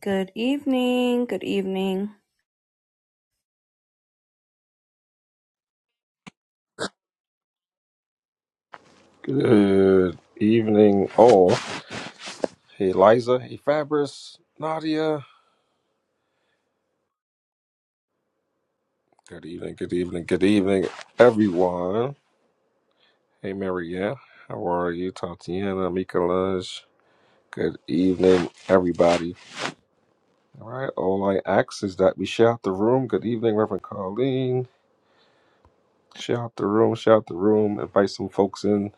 Good evening, good evening. Good evening, all. Hey, Liza. Hey, Fabris. Nadia. Good evening, good evening, good evening, everyone. Hey, Marianne. How are you? Tatiana, Mikolaj. Good evening, everybody. All right, all I ask is that we shout the room. Good evening, Reverend Colleen. Shout the room, shout the room. Invite some folks in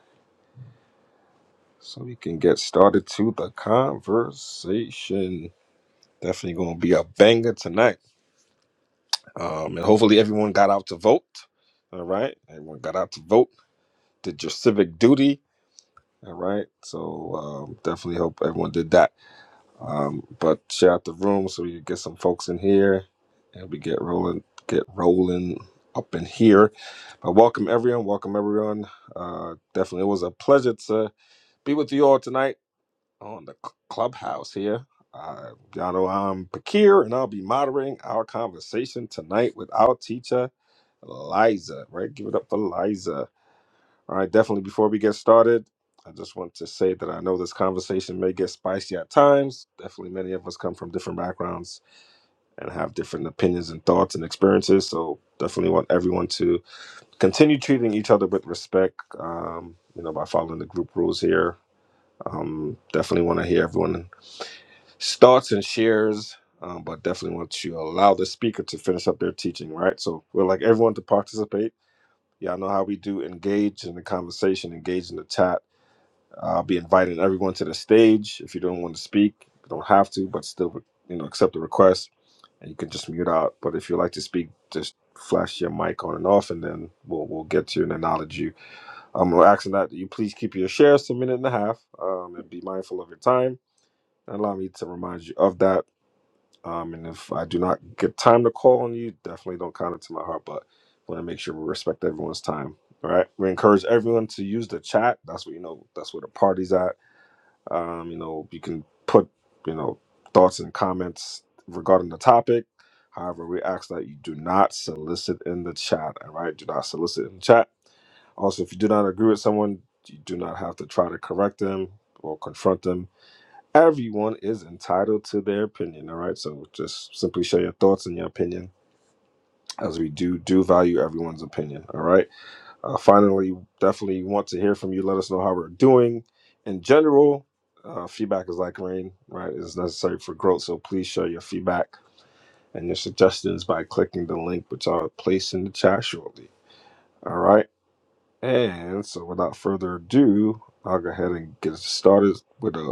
so we can get started to the conversation. Definitely going to be a banger tonight. Um, and hopefully everyone got out to vote. All right. Everyone got out to vote, did your civic duty. All right. So um, definitely hope everyone did that. Um, but share out the room so we can get some folks in here and we get rolling, get rolling up in here. But welcome everyone. Welcome everyone. Uh, definitely it was a pleasure to be with you all tonight on the cl- clubhouse here. Uh, y'all know I'm Pakir, and I'll be moderating our conversation tonight with our teacher, Liza, right? Give it up for Liza. All right, definitely before we get started, I just want to say that I know this conversation may get spicy at times. Definitely many of us come from different backgrounds and have different opinions and thoughts and experiences. So definitely want everyone to continue treating each other with respect, um, you know, by following the group rules here. Um, definitely want to hear everyone's thoughts and shares. Um, but definitely want to allow the speaker to finish up their teaching, right? So we'd like everyone to participate Y'all know how we do engage in the conversation, engage in the chat. I'll be inviting everyone to the stage. If you don't want to speak, you don't have to, but still, you know, accept the request and you can just mute out. But if you like to speak, just flash your mic on and off and then we'll, we'll get to you and acknowledge you. Um, we're asking that you please keep your shares to a minute and a half um, and be mindful of your time. And allow me to remind you of that. Um, and if I do not get time to call on you, definitely don't count it to my heart. But want to make sure we respect everyone's time. All right. We encourage everyone to use the chat. That's what you know. That's where the party's at. Um, you know, you can put you know thoughts and comments regarding the topic. However, we ask that you do not solicit in the chat. All right. Do not solicit in the chat. Also, if you do not agree with someone, you do not have to try to correct them or confront them Everyone is entitled to their opinion, all right? So just simply share your thoughts and your opinion as we do do value everyone's opinion, all right? Uh, finally, definitely want to hear from you. Let us know how we're doing in general. Uh, feedback is like rain, right? It's necessary for growth. So please share your feedback and your suggestions by clicking the link, which I'll place in the chat shortly. All right. And so without further ado, I'll go ahead and get started with a.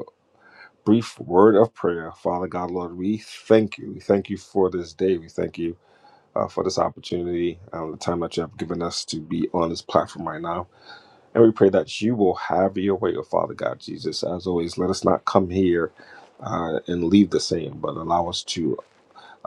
brief word of prayer. Father God, Lord, we thank you. We thank you for this day. We thank you uh, for this opportunity, um, the time that you have given us to be on this platform right now. And we pray that you will have your way, oh Father God Jesus. As always, let us not come here uh, and leave the same, but allow us to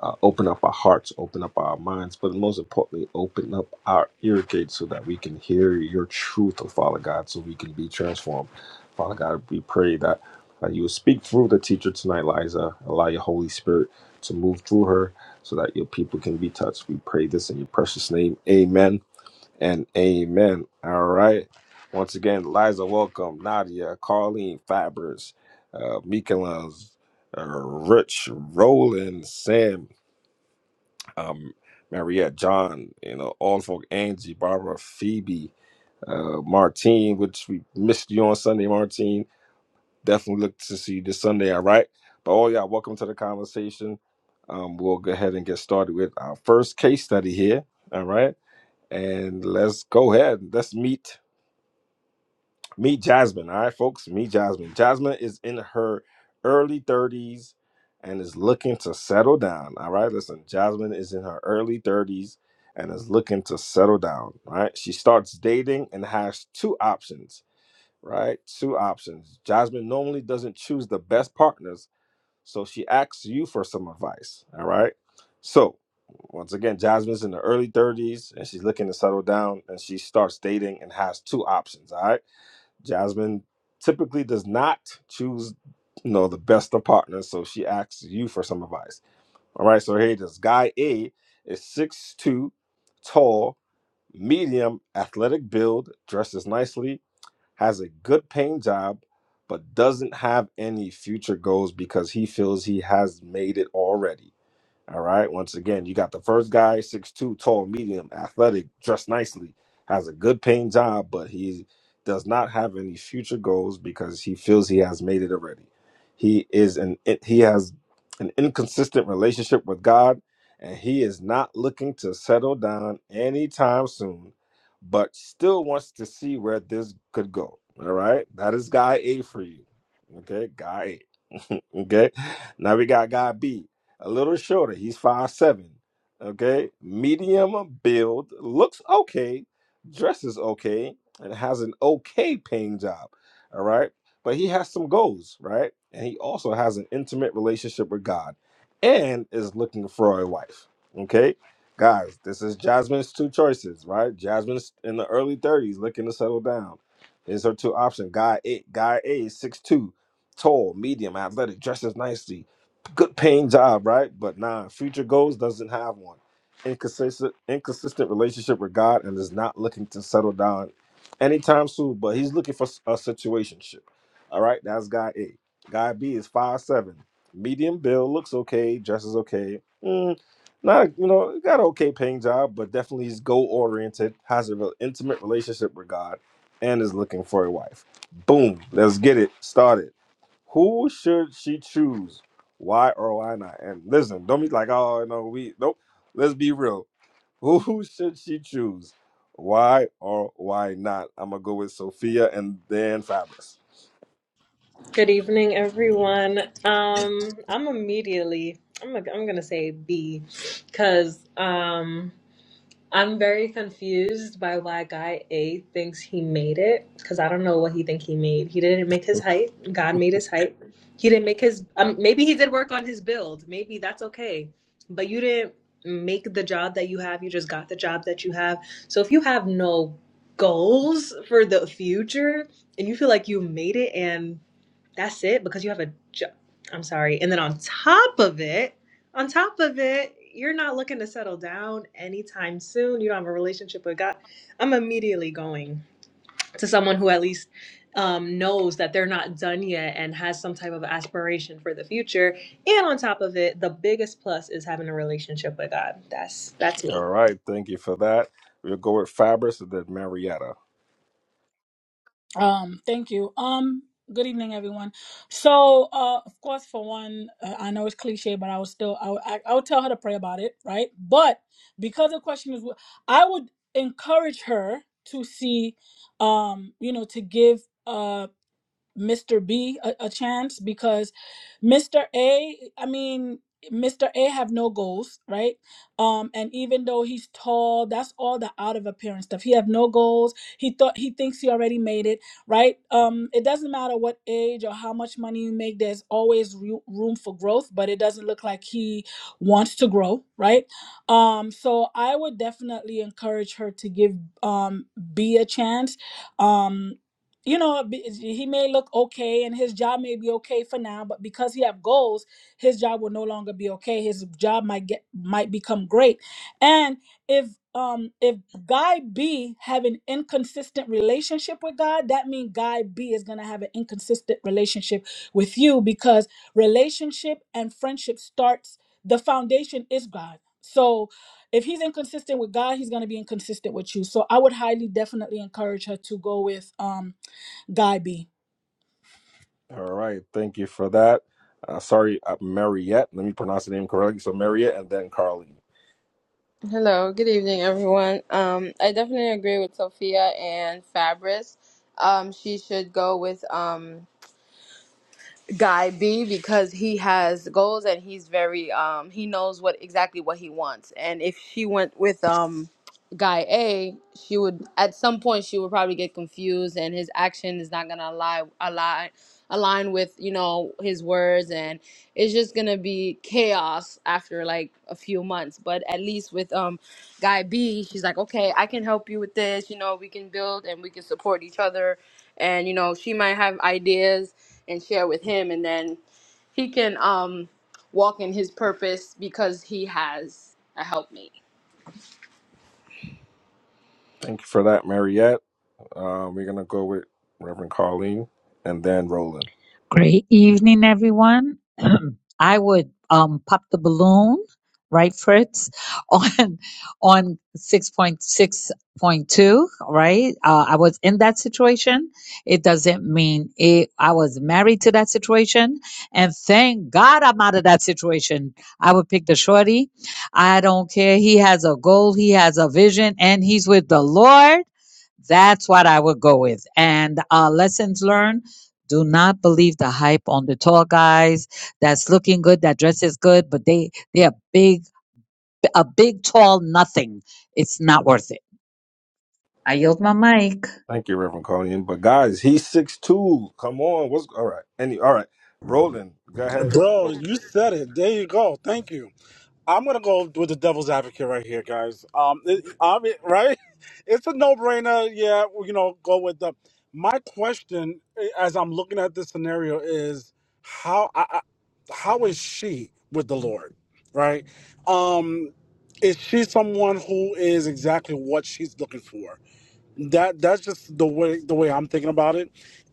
uh, open up our hearts, open up our minds, but most importantly, open up our ear gates so that we can hear your truth, oh Father God, so we can be transformed. Father God, we pray that uh, you will speak through the teacher tonight, Liza. Allow your Holy Spirit to move through her so that your people can be touched. We pray this in your precious name. Amen and amen. All right. Once again, Liza, welcome. Nadia, Carleen, Fabris, uh, Mikelas, uh, Rich, Roland, Sam, um, Mariette, John, you know, all the folk, Angie, Barbara, Phoebe, uh, Martine, which we missed you on Sunday, Martine. Definitely look to see you this Sunday, all right? But all y'all, welcome to the conversation. Um, we'll go ahead and get started with our first case study here, all right? And let's go ahead. Let's meet. Meet Jasmine, all right, folks. Meet Jasmine. Jasmine is in her early 30s and is looking to settle down. All right, listen, Jasmine is in her early 30s and is looking to settle down. All right, she starts dating and has two options. Right, two options. Jasmine normally doesn't choose the best partners, so she asks you for some advice. All right, so once again, Jasmine's in the early 30s and she's looking to settle down and she starts dating and has two options. All right. Jasmine typically does not choose, you know, the best of partners, so she asks you for some advice. All right, so here it is. Guy A is six two, tall, medium, athletic build, dresses nicely, has a good paying job, but doesn't have any future goals because he feels he has made it already. All right. Once again, you got the first guy, six-two, tall, medium, athletic, dressed nicely, has a good paying job, but he does not have any future goals because he feels he has made it already. He is an he has an inconsistent relationship with God, and he is not looking to settle down anytime soon, but still wants to see where this could go. All right. That is guy A for you. Okay, guy A. okay. Now we got guy B a little shorter. He's five seven. Okay, medium build, looks okay, dresses okay, and has an okay paying job. All right, but he has some goals, right? And he also has an intimate relationship with God, and is looking for a wife. Okay, guys, this is Jasmine's two choices, right? Jasmine's in the early thirties, looking to settle down. Here's her two options. Guy A, guy A is six two, tall, medium, athletic, dresses nicely good paying job, right? But nah, future goals doesn't have one. Inconsistent, inconsistent relationship with God, and is not looking to settle down anytime soon. But he's looking for s- a situationship. All right, that's guy A. Guy B is five seven, medium build, looks okay, dresses okay. Mm, not you know got an okay paying job, but definitely he's goal oriented, has a real intimate relationship with God, and is looking for a wife. Boom, let's get it started. Who should she choose? Why or why not? And listen, don't be like, oh no, we nope. Let's be real. Who should she choose? Why or why not? I'm gonna go with Sophia and then Fabrice. Good evening, everyone. Um, I'm immediately I'm i I'm am going to say B, because um I'm very confused by why guy A thinks he made it. Because I don't know what he think he made. He didn't make his height. God made his height. He didn't make his. Um, maybe he did work on his build. Maybe that's okay. But you didn't make the job that you have. You just got the job that you have. So if you have no goals for the future and you feel like you made it and that's it because you have a job. I'm sorry. And then on top of it, on top of it, you're not looking to settle down anytime soon. You don't have a relationship with God. I'm immediately going to someone who at least um, knows that they're not done yet and has some type of aspiration for the future. And on top of it, the biggest plus is having a relationship with God. That's that's All me. right, thank you for that. We'll go with Fabrice and then Marietta. Um, thank you. Um, good evening, everyone. So, uh, of course, for one, uh, I know it's cliche, but I would still, I would, I, I would tell her to pray about it, right? But because the question is, I would encourage her to see, um, you know, to give. uh, Mr. B a, a chance because Mr. A, I mean, Mr. A have no goals, right? Um, and even though he's tall, that's all the out of appearance stuff. He have no goals. He thought he thinks he already made it, right? Um, it doesn't matter what age or how much money you make. There's always ru- room for growth, but it doesn't look like he wants to grow, right? Um, so I would definitely encourage her to give um B a chance. Um, you know be- he may look okay and his job may be okay for now but because he have goals his job will no longer be okay his job might get might become great and if um if guy b have an inconsistent relationship with god that means guy b is going to have an inconsistent relationship with you because relationship and friendship starts the foundation is god so if he's inconsistent with god he's going to be inconsistent with you so i would highly definitely encourage her to go with um Guy B. All right, thank you for that. Uh, sorry, uh, Mariette. Let me pronounce the name correctly. So Mariette and then Carlene. Hello, good evening, everyone. Um, I definitely agree with Sophia and Fabris. Um, she should go with um guy B because he has goals and he's very um he knows what exactly what he wants. And if she went with um guy A, she would at some point she would probably get confused and his action is not gonna lie align align with, you know, his words and it's just gonna be chaos after like a few months. But at least with um guy B, she's like, Okay, I can help you with this, you know, we can build and we can support each other and you know, she might have ideas and share with him and then he can um walk in his purpose because he has a helpmate. Thank you for that, Mariette. Uh, we're gonna go with Reverend Carlene, and then Roland. Great evening, everyone. I would um, pop the balloon, right, Fritz, on on six point six point two, right? Uh, I was in that situation. It doesn't mean it. I was married to that situation, and thank God I'm out of that situation. I would pick the shorty. I don't care. He has a goal. He has a vision, and he's with the Lord. That's what I would go with. And uh, lessons learned. Do not believe the hype on the tall guys that's looking good, that dresses good, but they they are big, a big tall nothing. It's not worth it. I yield my mic. Thank you, Reverend Carlene. But guys, he's six two. Come on, what's all right? Any all right? Roland, go ahead. Bro, you said it. There you go. Thank you. I'm gonna go with the devil's advocate right here, guys. Um, it, I mean, right? It's a no-brainer. Yeah, well, you know, go with the. My question, eh, as I'm looking at this scenario, is how I, I, how is she with the Lord, right? Um, is she someone who is exactly what she's looking for? that that's just the way the way I'm thinking about it.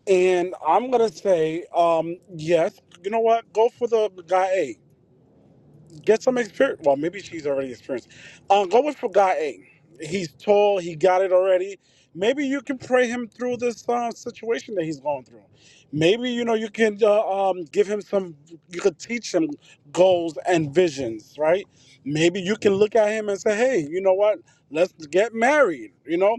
And I'm gonna say, um, yes, you know what? Go for the guy A. Get some experience. Well, maybe she's already experienced. Um, go with for guy A. He's tall. He got it already. Maybe you can pray him through this uh, situation that he's going through. Maybe you know you can uh, um, give him some. You could teach him goals and visions, right? Maybe you can look at him and say, "Hey, you know what? Let's get married." You know,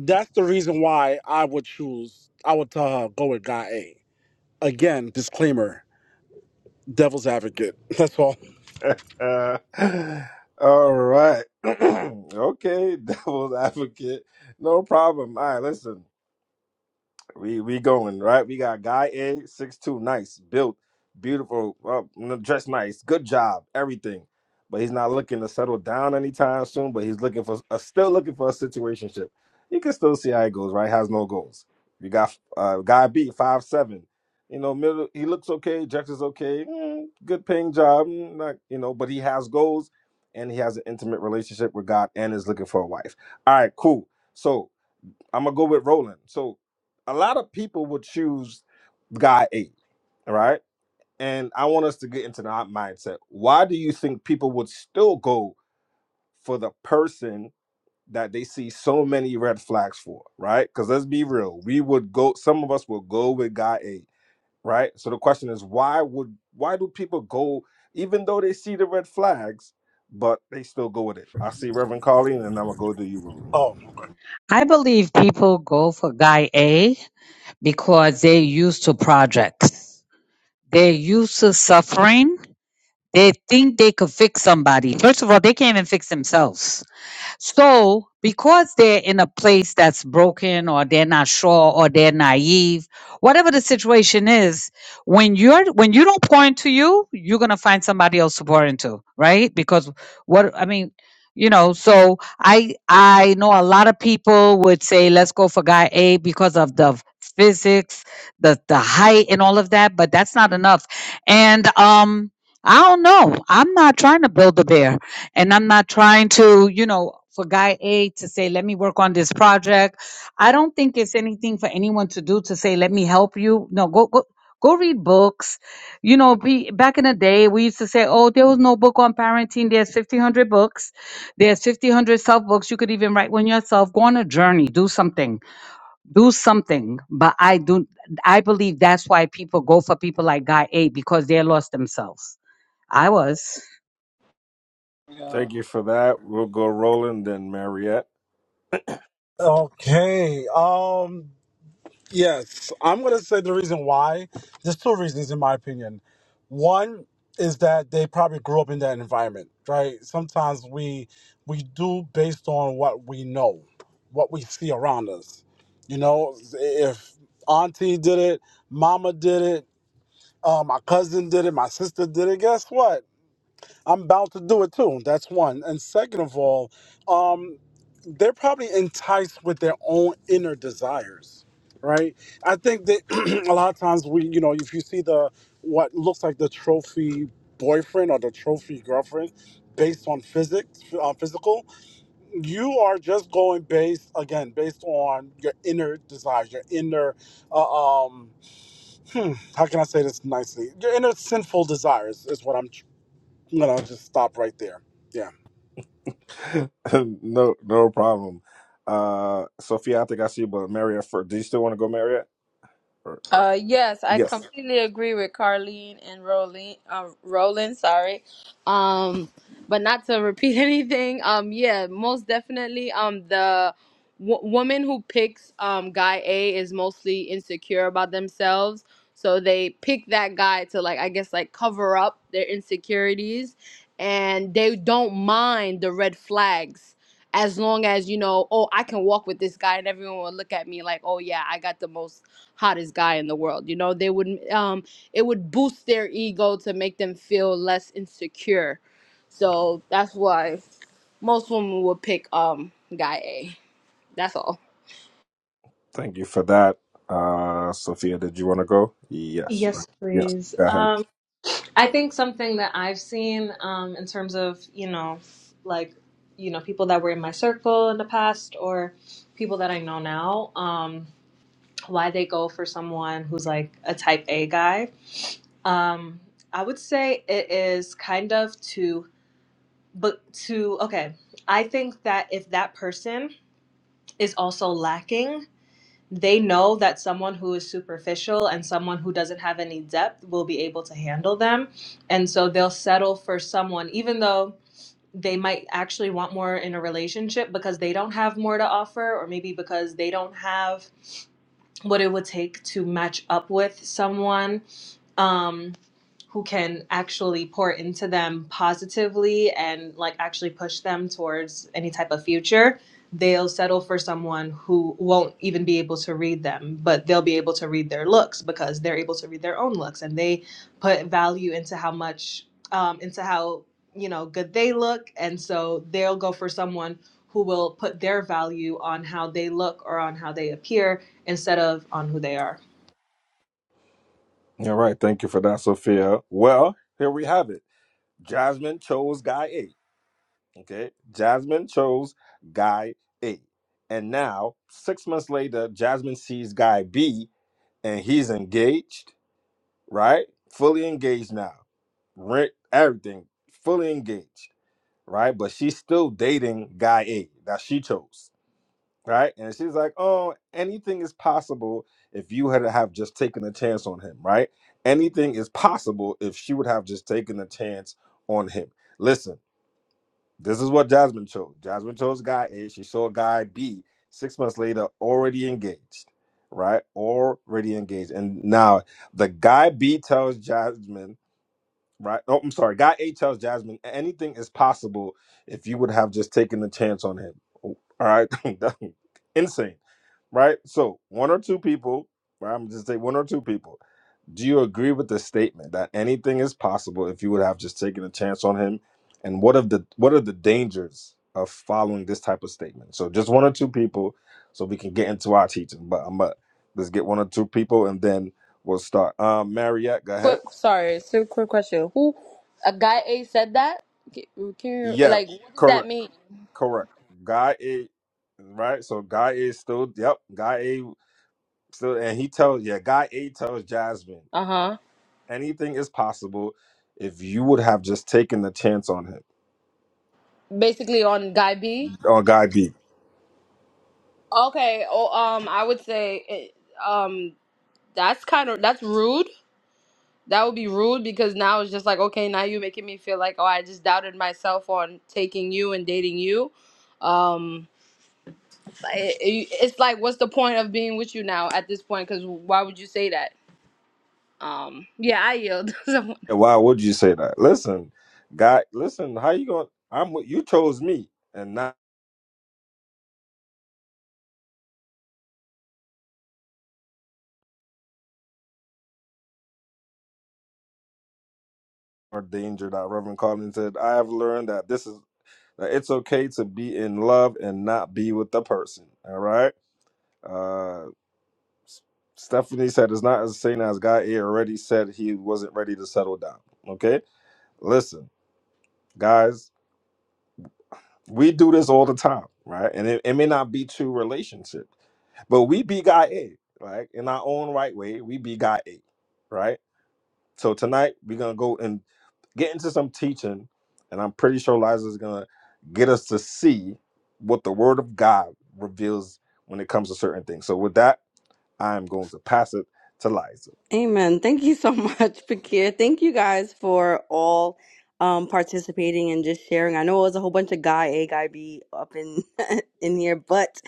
that's the reason why I would choose. I would tell her go with guy A. Again, disclaimer: devil's advocate. That's all. Roland. all right. okay, devil's advocate. No problem. All right, listen. We we going right. We got guy A six two, nice, built, beautiful, uh, dressed nice, good job, everything. But he's not looking to settle down anytime soon. But he's looking for, uh, still looking for a situationship. You can still see how it goes, right? Has no goals. You got uh, guy B five seven. You know, middle. He looks okay. Jex is okay. mm, good paying job. mm, not you know, but he has goals, and he has an intimate relationship with God, and is looking for a wife. All right, cool. So I'm gonna go with Roland. So a lot of people would choose guy eight, all right? And I want us to get into that mindset. Why do you think people would still go for the person that they see so many red flags for, right? Because let's be real, we would go. Some of us will go with guy eight, right? So the question is, why would why do people go even though they see the red flags, but they still go with it? I see Reverend Colleen, and I'm gonna go to you, Roland. Oh, I believe people go for guy A because they're used to projects. They're used to suffering. They think they could fix somebody. First of all, they can't even fix themselves. So, because they're in a place that's broken or they're not sure or they're naive, whatever the situation is, when you're when you don't pour into you, you're going to find somebody else to pour into, right? Because what I mean, you know, so I I know a lot of people would say let's go for guy A because of the physics, the the height and all of that, but that's not enough. And um I don't know. I'm not trying to build a bear. And I'm not trying to, you know, for guy A to say, let me work on this project. I don't think it's anything for anyone to do to say, let me help you. No, go, go. Go read books. You know, be, back in the day, we used to say, oh, there was no book on parenting. There's 1,500 books. There's 1,500 self books. You could even write one yourself. Go on a journey. Do something. Do something. But I do. I believe that's why people go for people like Guy A because they lost themselves. I was. Thank you for that. We'll go Roland, then Mariette. okay. Um, yes, I'm gonna say the reason why. There's two reasons, in my opinion. One is that they probably grew up in that environment, right? Sometimes we we do based on what we know, what we see around us. You know, if Auntie did it, Mama did it, Uh, my cousin did it. My sister did it. Guess what? I'm about to do it too. That's one. And second of all, um, they're probably enticed with their own inner desires, right? I think that a lot of times we, you know, if you see the what looks like the trophy boyfriend or the trophy girlfriend based on physics, uh, physical, you are just going based again based on your inner desires, your inner uh, um hmm, how can I say this nicely? Your inner sinful desires is what I'm. tr- i gonna just stop right there. Yeah. no, no problem. Uh, Sophia, I think I see you, but Marriott first. Do you still want to go, Marriott? Or, Uh, yes, I yes. completely agree with Carleen and Roland. Uh, Roland, sorry. Um, but not to repeat anything. Um, yeah, most definitely. Um, the w- woman who picks um guy A is mostly insecure about themselves, so they pick that guy to like I guess like cover up their insecurities, and they don't mind the red flags. As long as you know, oh, I can walk with this guy, and everyone will look at me like, oh yeah, I got the most hottest guy in the world you know they would um it would boost their ego to make them feel less insecure so that's why most women would pick um guy a that's all Thank you for that. Uh, Sophia, did you want to go? Yes. Right. Yes, Yes. please. Go ahead. Um, I think something that I've seen um, in terms of, you know, like, you know, people that were in my circle in the past or people that I know now, um, why they go for someone who's like a type A guy. Um, I would say it is kind of to, but to, okay, I think that if that person is also lacking they know that someone who is superficial and someone who doesn't have any depth will be able to handle them. And so they'll settle for someone, even though they might actually want more in a relationship because they don't have more to offer, or maybe because they don't have what it would take to match up with someone um, who can actually pour into them positively and like actually push them towards any type of future they'll settle for someone who won't even be able to read them but they'll be able to read their looks because they're able to read their own looks and they put value into how much um, into how you know good they look and so they'll go for someone who will put their value on how they look or on how they appear instead of on who they are. All right. Thank you for that, Sophia. Well, here we have it. Jasmine chose guy A. Okay. Jasmine chose guy A. And now, six months later, Jasmine sees guy B and he's engaged right? Fully engaged now. Rent, everything, fully engaged, right? But she's still dating guy A that she chose, right? And she's like, oh, anything is possible if you had have just taken a chance on him, right? Anything is possible if she would have just taken a chance on him. Listen, this is what Jasmine chose. Jasmine chose guy A. She saw guy B six months later already engaged, right? Already engaged. And now the guy B tells Jasmine right? Oh, I'm sorry. Guy A tells Jasmine anything is possible if you would have just taken the chance on him. oh, All right, That- insane, right? So one or two people, right? I'm just say one or two people. Do you agree with the statement that anything is possible if you would have just taken a chance on him? And what of the what are the dangers of following this type of statement? So just one or two people, so we can get into our teaching. But I'm uh, let's get one or two people, and then we'll start. Um, Mariette, go ahead. quick sorry so quick question who a guy a said that can, can you Yeah, like what does correct. that mean Correct. Guy A, right? So Guy A still, yep, Guy A still, and he tells, yeah, Guy A tells Jasmine, uh-huh anything is possible if you would have just taken the chance on him, basically on guy b on Guy B. okay oh um i would say eh, um that's kind of that's rude That would be rude because now it's just like, okay, now you're making me feel like, oh, I just doubted myself on taking you and dating you. Um, it, it- it's like, what's the point of being with you now at this point? Because why would you say that? Um, yeah, I yield. And Why would you say that? Listen, Guy, listen, how you going, to I'm, with- you chose me and not our danger that Reverend Collins said. I have learned that this is, that it's okay to be in love and not be with the person. All right. Uh, Stephanie said, "It's not as saying as God he already said he wasn't ready to settle down." Okay, listen, guys, we do this all the time, right? And it, it may not be true relationship, but we be God A, right? In our own right way, we be God A, right? So tonight we're gonna go and get into some teaching, and I'm pretty sure Liza is gonna get us to see what the Word of God reveals when it comes to certain things. So with that, I'm going to pass it to Liza. Amen. Thank you so much, Pakir. Thank you guys for all um, participating and just sharing. I know it was a whole bunch of guy A, guy B up in in here, but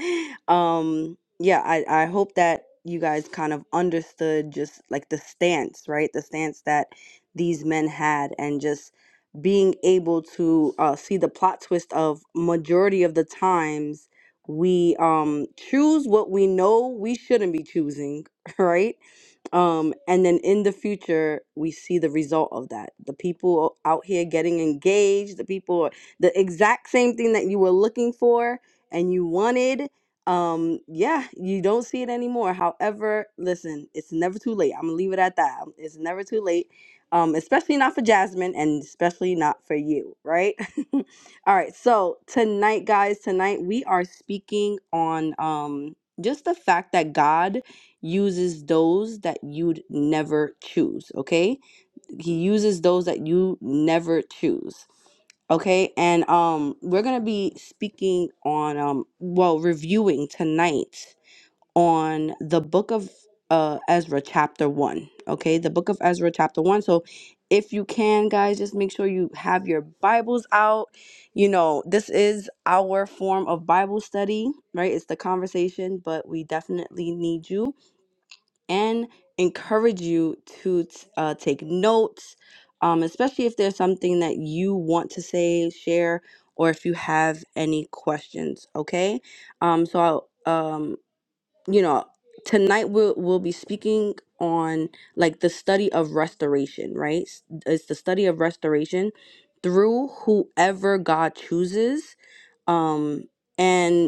um, yeah, I, I hope that you guys kind of understood just like the stance, right? The stance that these men had, and just being able to uh, see the plot twist of majority of the times we um choose what we know we shouldn't be choosing, right? Um, and then in the future, we see the result of that. The people out here getting engaged, the people, the exact same thing that you were looking for and you wanted. Um, yeah, you don't see it anymore. However, listen, it's never too late. I'm gonna leave it at that. Um, It's never too late. Um, especially not for Jasmine and especially not for you, right? All right, so tonight, guys, tonight we are speaking on um just the fact that God uses those that you'd never choose, okay? He uses those that you never choose. Okay, and um we're gonna be speaking on um well reviewing tonight on the book of uh Ezra chapter one. Okay, the book of Ezra chapter one. So if you can guys just make sure you have your Bibles out. You know, this is our form of Bible study, right? It's the conversation, but we definitely need you and encourage you to t- uh, take notes, um, especially if there's something that you want to say, share, or if you have any questions. Okay, um, so I'll, um, you know, tonight we'll we'll be speaking on like the study of restoration. Right, S- it's the study of restoration through whoever God chooses um, and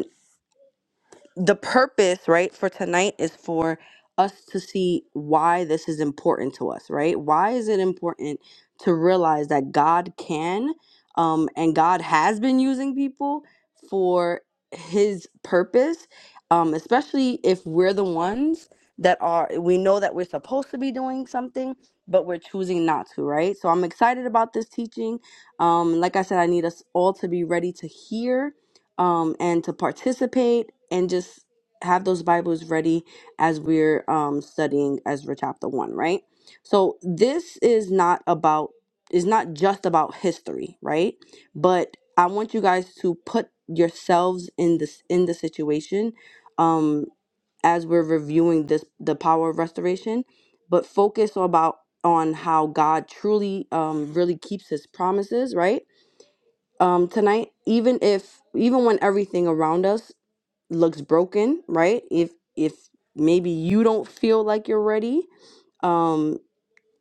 the purpose, right, for tonight is for us to see why this is important to us, right? Why is it important to realize that God can um, and God has been using people for his purpose, um, especially if we're the ones that are, we know that we're supposed to be doing something, but we're choosing not to, right? So I'm excited about this teaching. Um, like I said, I need us all to be ready to hear um, and to participate and just have those Bibles ready as we're um, studying Ezra chapter 1, right? So this is not about, is not just about history, right? But I want you guys to put yourselves in this, in the situation um, as we're reviewing this, the power of restoration, but focus about on how God truly, um, really keeps his promises, right? um tonight even if even when everything around us looks broken right if if maybe you don't feel like you're ready um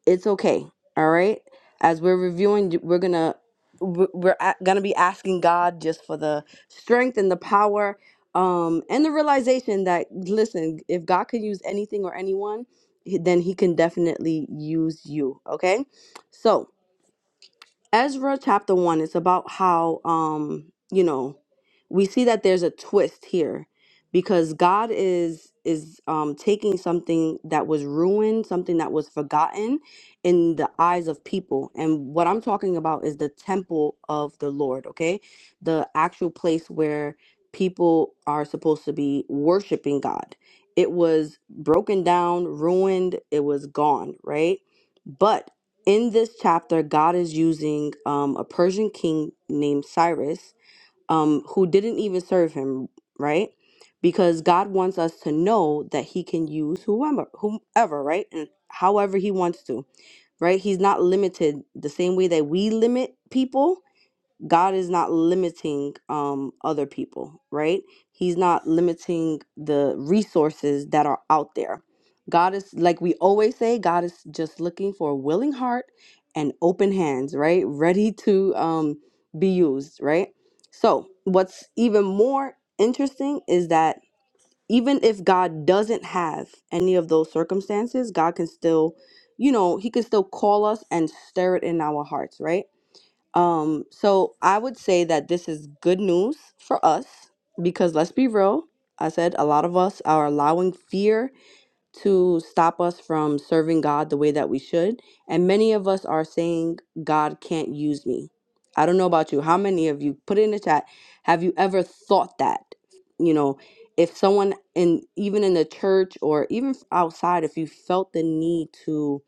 it's okay all right as we're reviewing we're gonna we're we're a- gonna be asking god just for the strength and the power um and the realization that listen if god can use anything or anyone he- then he can definitely use you okay so Ezra chapter 1 is about how um you know we see that there's a twist here because God is is um taking something that was ruined, something that was forgotten in the eyes of people. And what I'm talking about is the temple of the Lord, okay? The actual place where people are supposed to be worshiping God. It was broken down, ruined, it was gone, right? But in this chapter, God is using um, a Persian king named Cyrus, um, who didn't even serve him, right? Because God wants us to know that He can use whomever, whomever, right, and however He wants to, right? He's not limited the same way that we limit people. God is not limiting um other people, right? He's not limiting the resources that are out there. God is like we always say, God is just looking for a willing heart and open hands, right? Ready to um be used, right? So, what's even more interesting is that even if God doesn't have any of those circumstances, God can still, you know, he can still call us and stir it in our hearts, right? Um, so I would say that this is good news for us because let's be real. I said a lot of us are allowing fear to stop us from serving God the way that we should. And many of us are saying, God can't use me. I don't know about you. How many of you put it in the chat? Have you ever thought that? You know, if someone in even in the church or even outside, if you felt the need to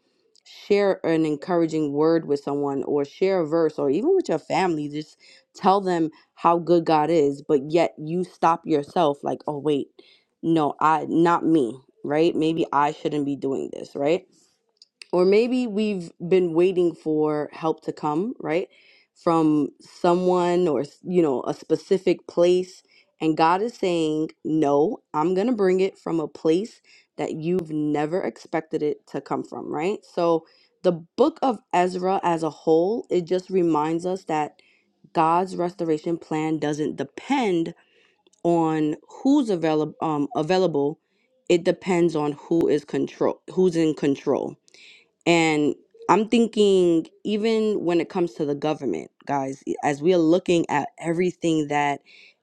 share an encouraging word with someone or share a verse or even with your family, just tell them how good God is, but yet you stop yourself like, oh wait, no, I not me right? Maybe I shouldn't be doing this, right? Or maybe we've been waiting for help to come, right? From someone or, you know, a specific place. And God is saying, no, I'm going to bring it from a place that you've never expected it to come from, right? So the book of Ezra as a whole, it just reminds us that God's restoration plan doesn't depend on who's available um, available it depends on who is control who's in control and i'm thinking even when it comes to the government guys as we are looking at everything that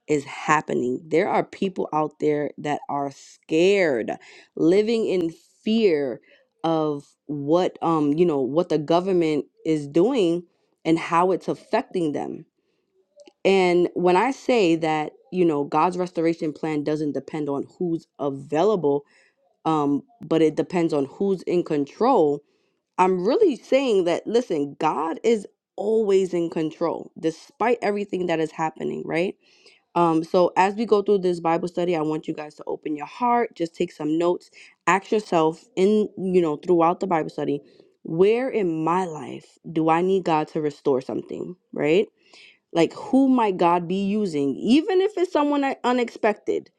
is happening there are people out there that are scared living in fear of what um you know what the government is doing and how it's affecting them and when I say that, you know, God's restoration plan doesn't depend on who's available, um, but it depends on who's in control, I'm really saying that, listen, God is always in control despite everything that is happening, right? Um, so as we go through this Bible study, I want you guys to open your heart, just take some notes, ask yourself in, you know, throughout the Bible study, where in my life do I need God to restore something, right? Like, who might God be using, even if it's someone I- unexpected,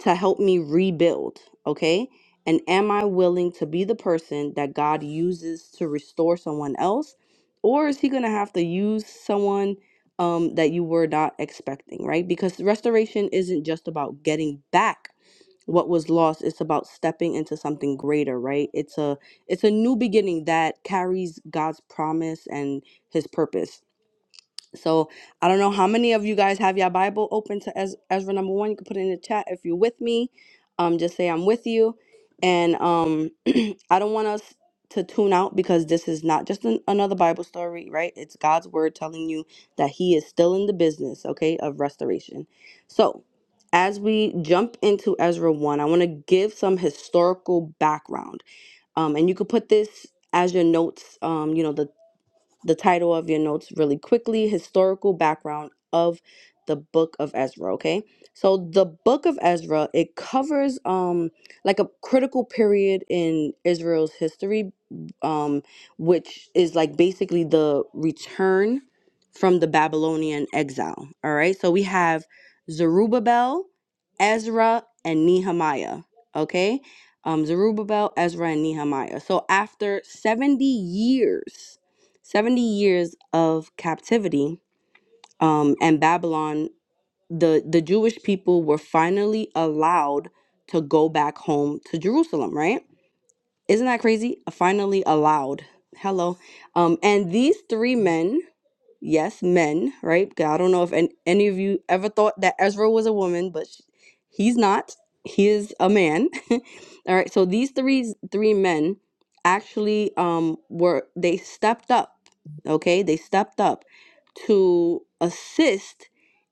to help me rebuild? Okay. And am I willing to be the person that God uses to restore someone else? Or is he going to have to use someone um, that you were not expecting, right? Because restoration isn't just about getting back what was lost it's about stepping into something greater right it's a it's a new beginning that carries god's promise and his purpose so I don't know how many of you guys have your Bible open to Ez- Ezra number one. You can put it in the chat if you're with me. Um, just say I'm with you, and um, I don't want us to tune out because this is not just an, another Bible story, right? It's God's word telling you that He is still in the business, okay, of restoration. So as we jump into Ezra one, I want to give some historical background, um, and you could put this as your notes, um, you know, the the title of your notes really quickly historical background of the book of ezra okay so the book of ezra it covers um like a critical period in israel's history um which is like basically the return from the babylonian exile all right so we have zerubbabel ezra and nehemiah okay um zerubbabel ezra and nehemiah so after 70 years 70 years of captivity um, and Babylon, the, the Jewish people were finally allowed to go back home to Jerusalem, right? Isn't that crazy? Finally allowed. Hello. Um, and these three men yes, men, right? 'Cause I don't know if any, any of you ever thought that Ezra was a woman, but sh he's not. He is a man. All right. So these three three men actually um were they stepped up, okay? They stepped up to assist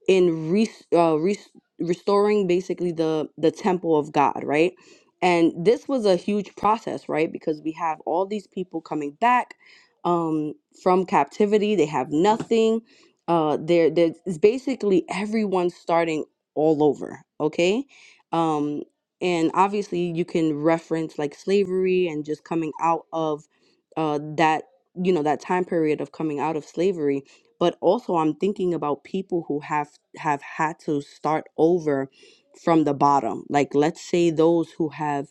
in re- uh, res- restoring basically the the temple of God, right? And this was a huge process, right? Because we have all these people coming back um, from captivity. They have nothing. Uh, they're, they're, it's basically everyone starting all over, okay? Um, and obviously, you can reference like slavery and just coming out of uh, that, you know, that time period of coming out of slavery. But also, I'm thinking about people who have have had to start over from the bottom. Like, let's say those who have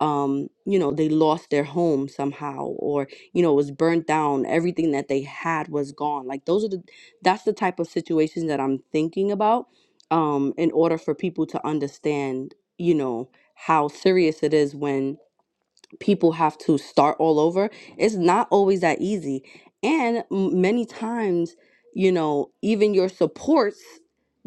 um, you know, they lost their home somehow, or you know was burnt down everything that they had was gone like those are the that's the type of situations that i'm thinking about um in order for people to understand you know how serious it is when people have to start all over it's not always that easy and m- many times you know even your supports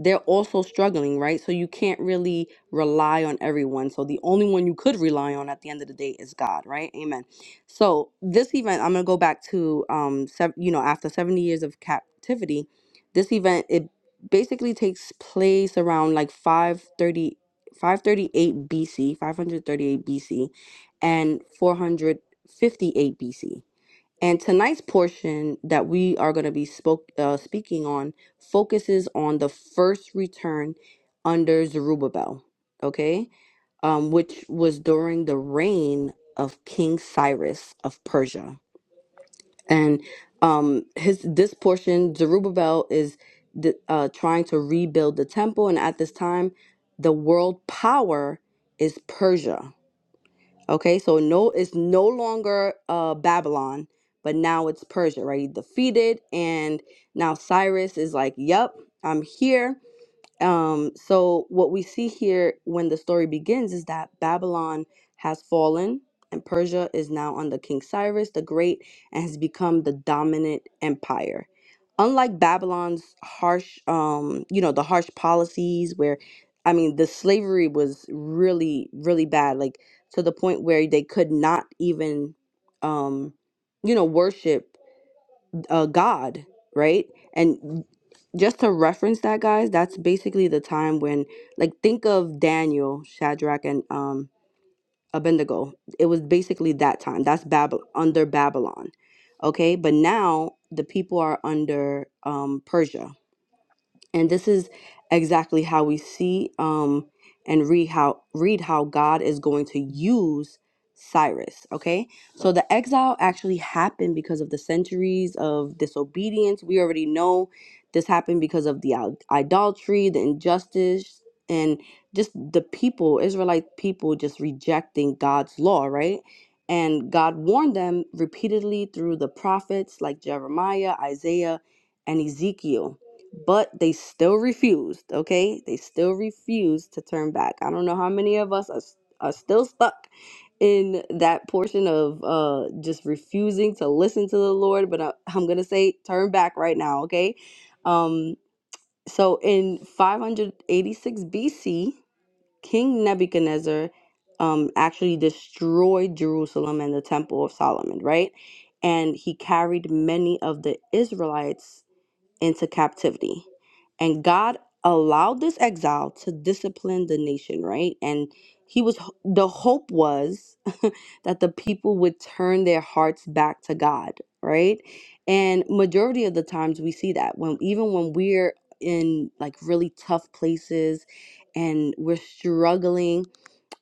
they're also struggling right so you can't really rely on everyone so the only one you could rely on at the end of the day is god right amen so this event i'm going to go back to um sev- you know after 70 years of captivity this event it basically takes place around like five thirty-five thirty-eight bc 538 bc and 458 BC. And tonight's portion that we are going to be spoke, uh, speaking on focuses on the first return under Zerubbabel, okay? Um, which was during the reign of King Cyrus of Persia. And um, his this portion, Zerubbabel is the, uh, trying to rebuild the temple. And at this time, the world power is Persia Okay, so no, it's no longer uh, Babylon, but now it's Persia, right? He defeated, and now Cyrus is like, "Yep, I'm here. Um, so what we see here when the story begins is that Babylon has fallen and Persia is now under King Cyrus the Great and has become the dominant empire. Unlike Babylon's harsh, um, you know, the harsh policies where, I mean, the slavery was really, really bad, like to the point where they could not even, um, you know, worship uh, God, right? And just to reference that, guys, that's basically the time when, like, think of Daniel, Shadrach, and um, Abednego. It was basically that time. That's Bab- under Babylon, okay? But now the people are under um, Persia, and this is exactly how we see um, and read how read how God is going to use Cyrus. Okay, so the exile actually happened because of the centuries of disobedience. We already know this happened because of the idol- idolatry, the injustice, and just the people, Israelite people, just rejecting God's law, right? And God warned them repeatedly through the prophets like Jeremiah, Isaiah, and Ezekiel but they still refused okay they still refused to turn back i don't know how many of us are, s- are still stuck in that portion of uh just refusing to listen to the lord but I, i'm gonna say turn back right now okay um so in 586 bc king nebuchadnezzar um actually destroyed jerusalem and the temple of solomon right and he carried many of the israelites into captivity. And God allowed this exile to discipline the nation, right? And he was the hope was that the people would turn their hearts back to God, right? And majority of the times we see that when even when we're in like really tough places and we're struggling,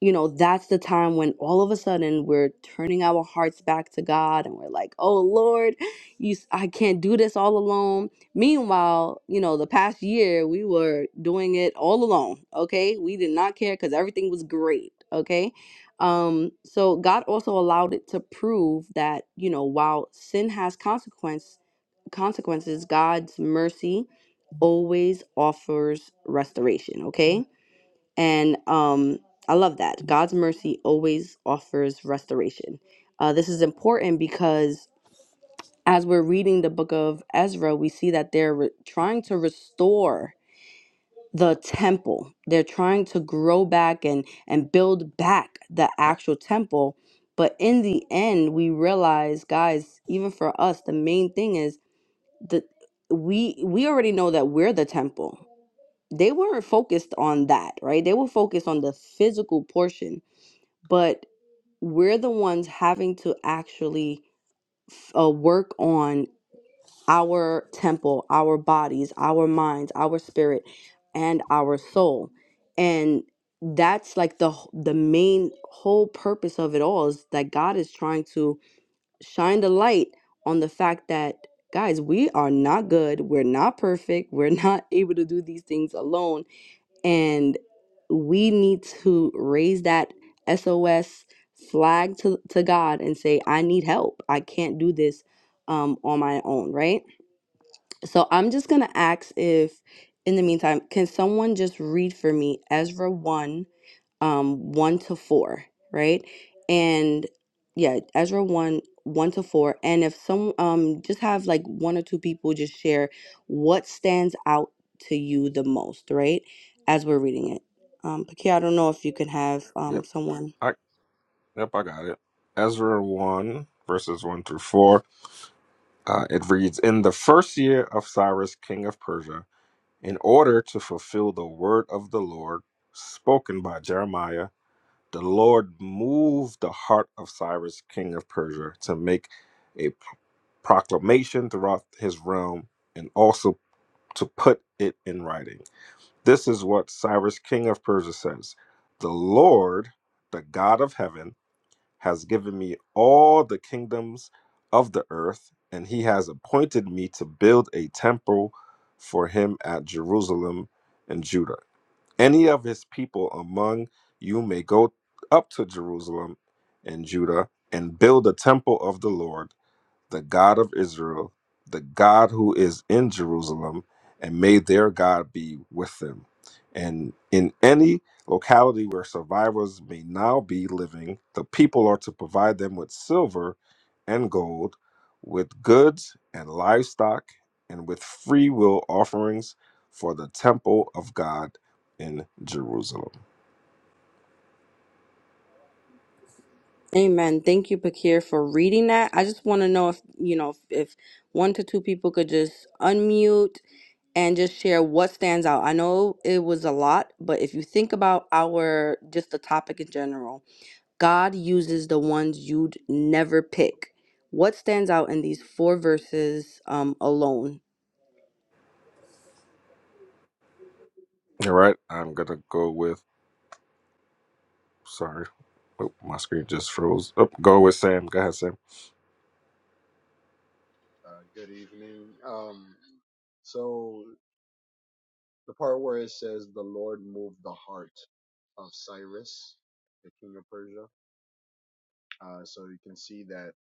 you know, that's the time when all of a sudden we're turning our hearts back to God and we're like, "Oh Lord, you s- I can't do this all alone." Meanwhile, you know, the past year we were doing it all alone, okay? We did not care because everything was great, okay? Um, so God also allowed it to prove that, you know, while sin has consequence consequences, God's mercy always offers restoration, okay? And um I love that. God's mercy always offers restoration. Uh, this is important because as we're reading the book of Ezra, we see that they're re- trying to restore the temple. They're trying to grow back and and build back the actual temple. But in the end, we realize, guys, even for us, the main thing is that we we already know that we're the temple. They weren't focused on that, right? They were focused on the physical portion, but we're the ones having to actually uh, work on our temple, our bodies, our minds, our spirit, and our soul. And that's like the wh- the main whole purpose of it all is that God is trying to shine the light on the fact that guys, we are not good, we're not perfect, we're not able to do these things alone and we need to raise that SOS flag to to God and say I need help. I can't do this um on my own, right? So I'm just going to ask if, in the meantime, can someone just read for me Ezra 1 um, 1 to 4, right? And yeah, Ezra 1, 1 to 4. And if some, um, just have like one or two people just share what stands out to you the most, right? As we're reading it. Um, Pakia, I don't know if you can have um, Yep. someone. I yep, I got it. Ezra one verses one through four. Uh, it reads, "In the first year of Cyrus, king of Persia, in order to fulfill the word of the Lord spoken by Jeremiah, the Lord moved the heart of Cyrus, king of Persia, to make a pro- proclamation throughout his realm, and also to put it in writing. This is what Cyrus, king of Persia, says: The Lord, the God of heaven." has given me all the kingdoms of the earth, and he has appointed me to build a temple for him at Jerusalem and Judah. Any of his people among you may go up to Jerusalem and Judah and build a temple of the Lord the God of Israel, the God who is in Jerusalem, and may their God be with them. And in any locality where survivors may now be living, the people are to provide them with silver and gold, with goods and livestock, and with free will offerings for the temple of God in Jerusalem. Amen. Thank you, Pakir, for reading that. I just want to know if, you know, if, if one to two people could just unmute and just share what stands out. I know it was a lot, but if you think about our, just the topic in general, God uses the ones you'd never pick. What stands out in these four verses um, alone? All right, I'm going to go with, sorry, oh, my screen just froze. Oh, go with Sam. Go ahead, Sam. Uh, good evening. Um, so the part where it says the Lord moved the heart of Cyrus, the king of Persia. Uh, so you can see that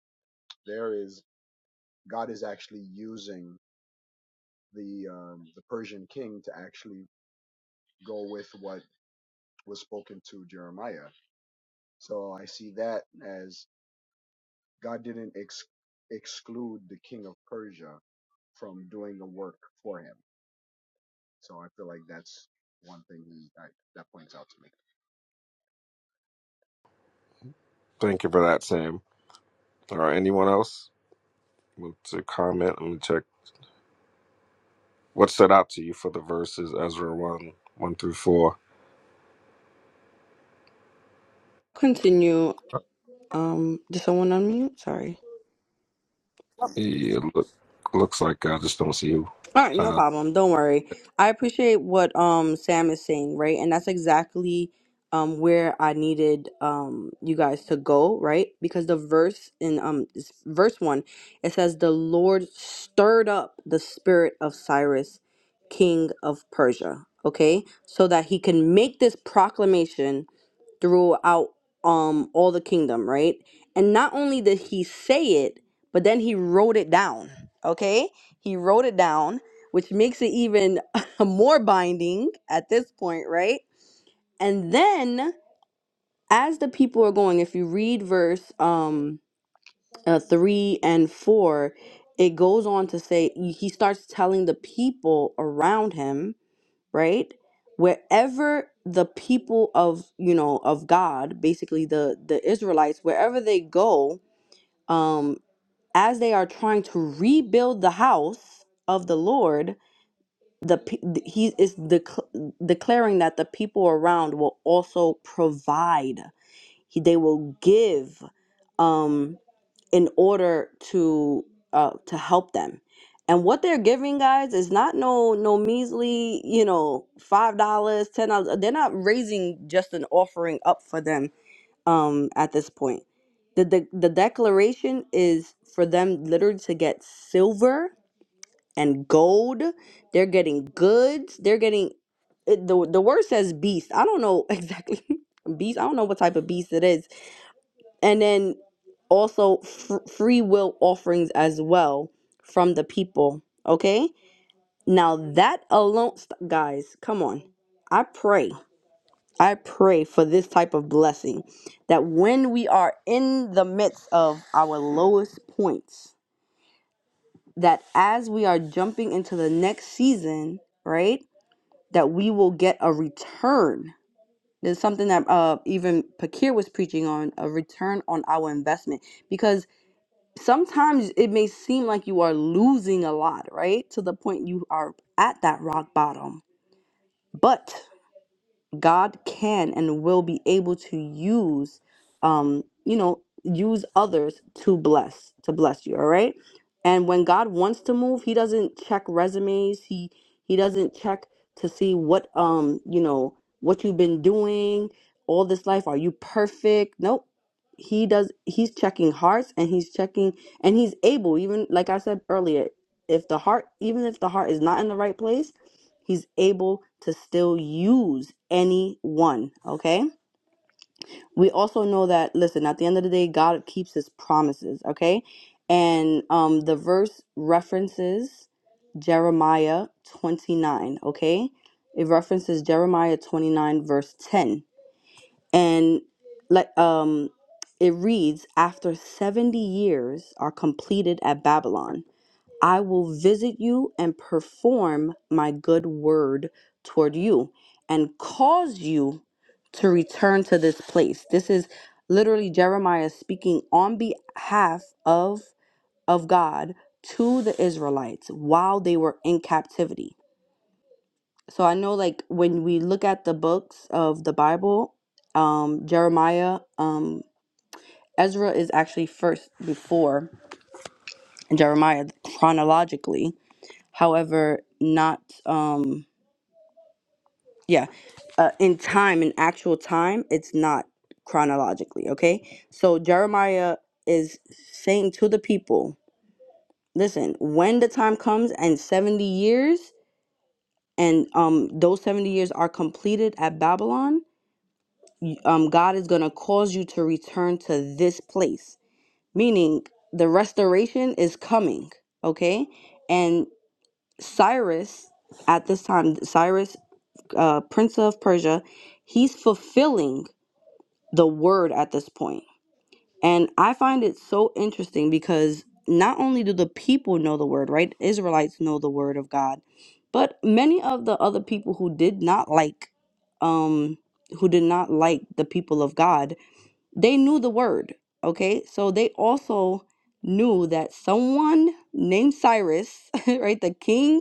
there is God is actually using the um, the Persian king to actually go with what was spoken to Jeremiah. So I see that as God didn't ex- exclude the king of Persia from doing the work for him. So I feel like that's one thing he, I, that points out to me. Thank you for that, Sam. All right, anyone else want to comment? Let me check. What stood out to you for the verses Ezra one one through four? Continue. Um, did someone unmute? Sorry. Yeah, look, looks like I just don't see you. All right, no Uh, problem. Don't worry. I appreciate what um Sam is saying, right? And that's exactly um where I needed um you guys to go, right? Because the verse in um s- verse 1, it says the Lord stirred up the spirit of Cyrus, king of Persia, okay? So that he can make this proclamation throughout um all the kingdom, right? And not only did he say it, but then he wrote it down. Okay? He wrote it down which makes it even more binding at this point, right? And then as the people are going, if you read verse um uh, 3 and 4, it goes on to say he starts telling the people around him, right? Wherever the people of, you know, of God, basically the the Israelites, wherever they go, um as they are trying to rebuild the house of the Lord, the pe- th- he is dec- declaring that the people around will also provide He- they will give um in order to uh to help them and what they're giving guys is not no no measly you know five dollars ten dollars they're not raising just an offering up for them um at this point the, the the declaration is for them literally to get silver and gold. They're getting goods. They're getting it, the the word says beast. I don't know exactly beast. I don't know what type of beast it is. And then also fr- free will offerings as well from the people. Okay? Now that alone st- guys, come on. I pray. I pray for this type of blessing that when we are in the midst of our lowest points, that as we are jumping into the next season, right? that we will get a return. There's something that uh, even Pakir was preaching on a return on our investment because sometimes it may seem like you are losing a lot, right? To the point you are at that rock bottom. But God can and will be able to use, um, you know, use others to bless, to bless you. All right. And when God wants to move, He doesn't check resumes. He He doesn't check to see what, um, you know, what you've been doing all this life. Are you perfect? Nope. He does. He's checking hearts, and he's checking, and he's able. Even like I said earlier, if the heart, even if the heart is not in the right place He's able to still use anyone, okay? We also know that, listen, at the end of the day, God keeps his promises, okay? And um, the verse references Jeremiah 29, okay? It references Jeremiah 29, verse 10. And let um it reads, after 70 years are completed at Babylon. I will visit you and perform my good word toward you and cause you to return to this place. This is literally Jeremiah speaking on behalf of of God to the Israelites while they were in captivity. So I know like when we look at the books of the Bible, um Jeremiah, um Ezra is actually first before Jeremiah chronologically However, not um yeah, uh, in time, in actual time, it's not chronologically, okay? So Jeremiah is saying to the people, listen, when the time comes and 70 years and um those 70 years are completed at Babylon, y- um God is going to cause you to return to this place, meaning the restoration is coming, okay? And Cyrus at this time, Cyrus uh, prince of Persia, he's fulfilling the word at this point. And I find it so interesting because not only do the people know the word, right? Israelites know the word of God, but many of the other people who did not like, um, who did not like the people of God, they knew the word. Okay, so they also knew that someone named Cyrus, right, the king,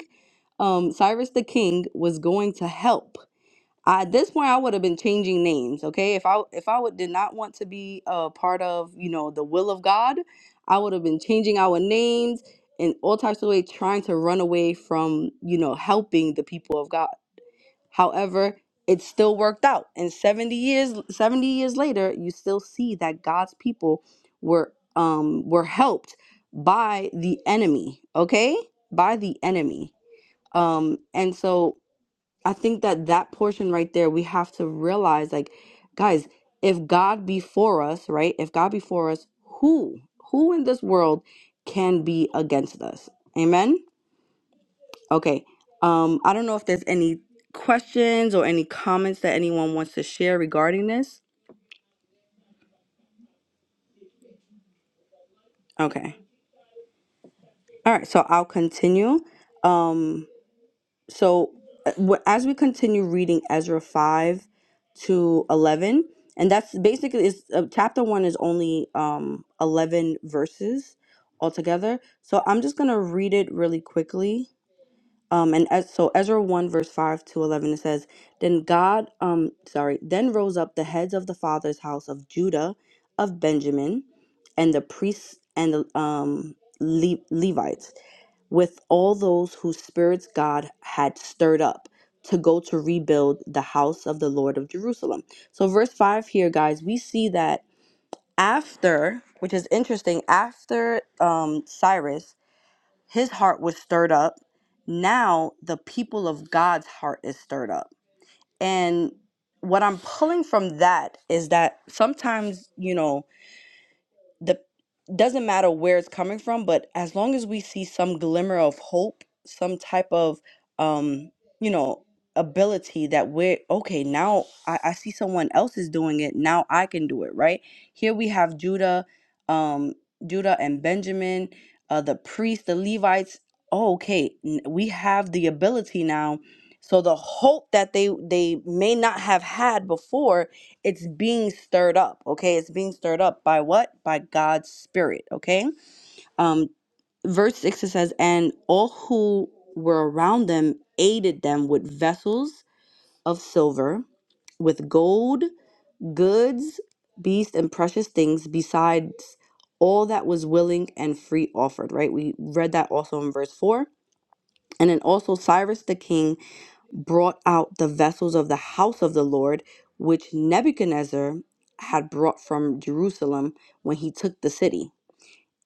um, Cyrus the king was going to help I, at this point, I would have been changing names. Okay, if I if I would did not want to be a part of you know the will of God, I would have been changing our names in all types of ways, trying to run away from you know helping the people of God. However, it still worked out, and seventy years seventy years later, you still see that God's people were um were helped by the enemy. Okay, by the enemy. Um, and so I think that that portion right there, we have to realize, like, guys, if God be for us, right? If God be for us, who, who in this world can be against us? Amen. Okay. Um, I don't know if there's any questions or any comments that anyone wants to share regarding this. Okay. All right. So I'll continue. Um, so uh, wh- as we continue reading Ezra 5 to 11 and that's basically is uh, chapter 1 is only um 11 verses altogether so i'm just going to read it really quickly um and as, so Ezra 1 verse 5 to 11 it says then God um sorry then rose up the heads of the father's house of Judah of Benjamin and the priests and the um Le- Levites with all those whose spirits God had stirred up to go to rebuild the house of the Lord of Jerusalem. So, verse 5 here, guys, we see that after, which is interesting, after um, Cyrus, his heart was stirred up. Now, the people of God's heart is stirred up. And what I'm pulling from that is that sometimes, you know, the doesn't matter where it's coming from, but as long as we see some glimmer of hope, some type of um, you know, ability that we're okay, now I, I see someone else is doing it, now I can do it, right? Here we have Judah, um, Judah and Benjamin, uh the priests, the Levites. Oh, okay, n- we have the ability now. So the hope that they they may not have had before it's being stirred up okay it's being stirred up by what by god's spirit okay um verse 6 it says and all who were around them aided them with vessels of silver with gold goods beasts and precious things besides all that was willing and free offered right we read that also in verse 4 and then also cyrus the king brought out the vessels of the house of the Lord, which Nebuchadnezzar had brought from Jerusalem when he took the city,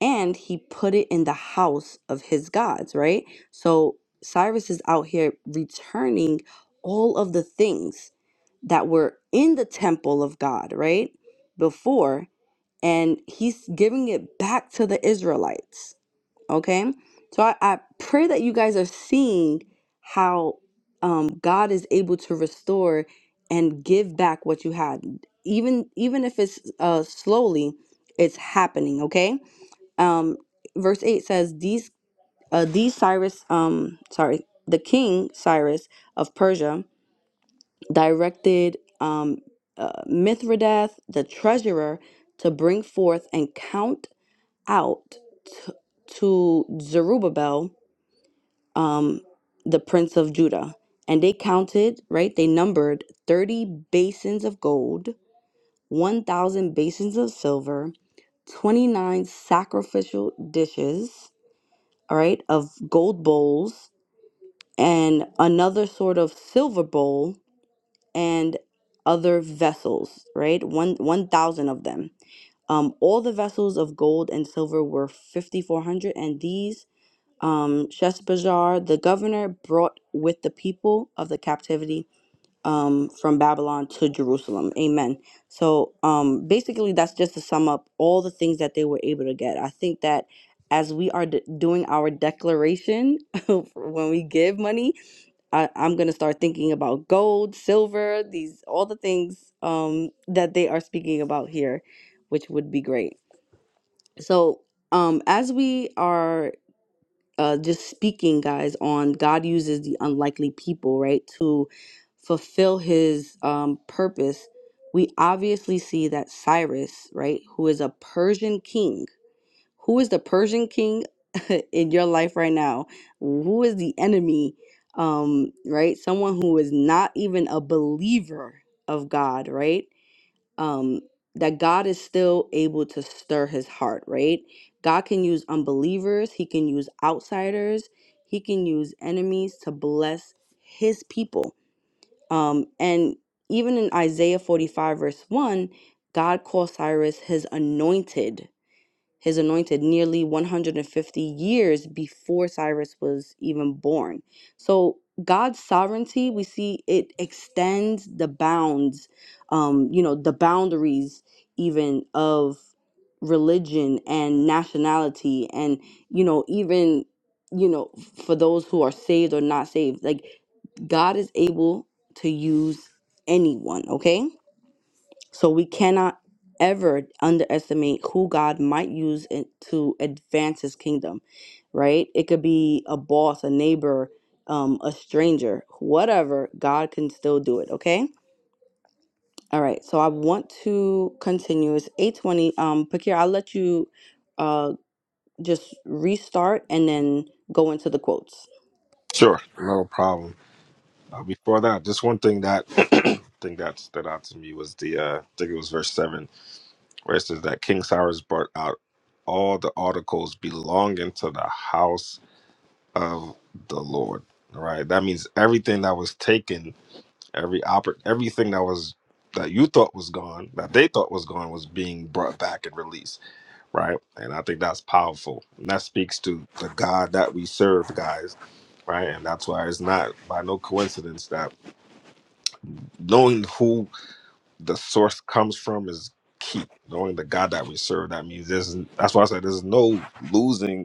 and he put it in the house of his gods, right? So Cyrus is out here returning all of the things that were in the temple of God, right? Before, and he's giving it back to the Israelites. Okay. So I, I pray that you guys are seeing how um, God is able to restore and give back what you had. Even even if it's uh, slowly, it's happening. Okay. Um, verse eight says these uh, these Cyrus um sorry the king Cyrus of Persia directed um, uh, Mithridates the treasurer to bring forth and count out t- to Zerubbabel um, the prince of Judah. And they counted, right? They numbered 30 basins of gold, 1,000 basins of silver, 29 sacrificial dishes, all right, of gold bowls, and another sort of silver bowl, and other vessels, right? One 1,000 of them. Um, all the vessels of gold and silver were 5,400, and these um, Sheshbazzar, the governor, brought with the people of the captivity um, from Babylon to Jerusalem. Amen. So um, basically, that's just to sum up all the things that they were able to get. I think that as we are de- doing our declaration when we give money, I- I'm going to start thinking about gold, silver, these all the things um, that they are speaking about here, which would be great. So um, as we are uh, just speaking, guys, on God uses the unlikely people, right, to fulfill his um, purpose, we obviously see that Cyrus, right, who is a Persian king, who is the Persian king in your life right now? Who is the enemy, um, right? Someone who is not even a believer of God, right? um that God is still able to stir his heart, right? God can use unbelievers, he can use outsiders, he can use enemies to bless his people. Um and even in Isaiah 45 verse 1, God calls Cyrus his anointed his anointed nearly 150 years before Cyrus was even born. So God's sovereignty, we see it extends the bounds, um, you know, the boundaries even of religion and nationality and you know even you know for those who are saved or not saved like god is able to use anyone okay so we cannot ever underestimate who God might use it to advance his kingdom, right? It could be a boss, a neighbor, um, a stranger, whatever, God can still do it, okay? All right, so I want to continue. It's 820. Um, Pakir, I'll let you uh, just restart and then go into the quotes. sure, no problem. Uh, before that, just one thing that thing that stood out to me was the uh, I think it was verse seven, where it says that King Cyrus brought out all the articles belonging to the house of the Lord. All right, that means everything that was taken Every oppor- everything that was that you thought was gone, that they thought was gone, was being brought back and released, right? And I think that's powerful. And that speaks to the God that we serve, guys, right? And that's why it's not by no coincidence that knowing who the source comes from is key. Knowing the God that we serve, that means there's that's why I said there's no losing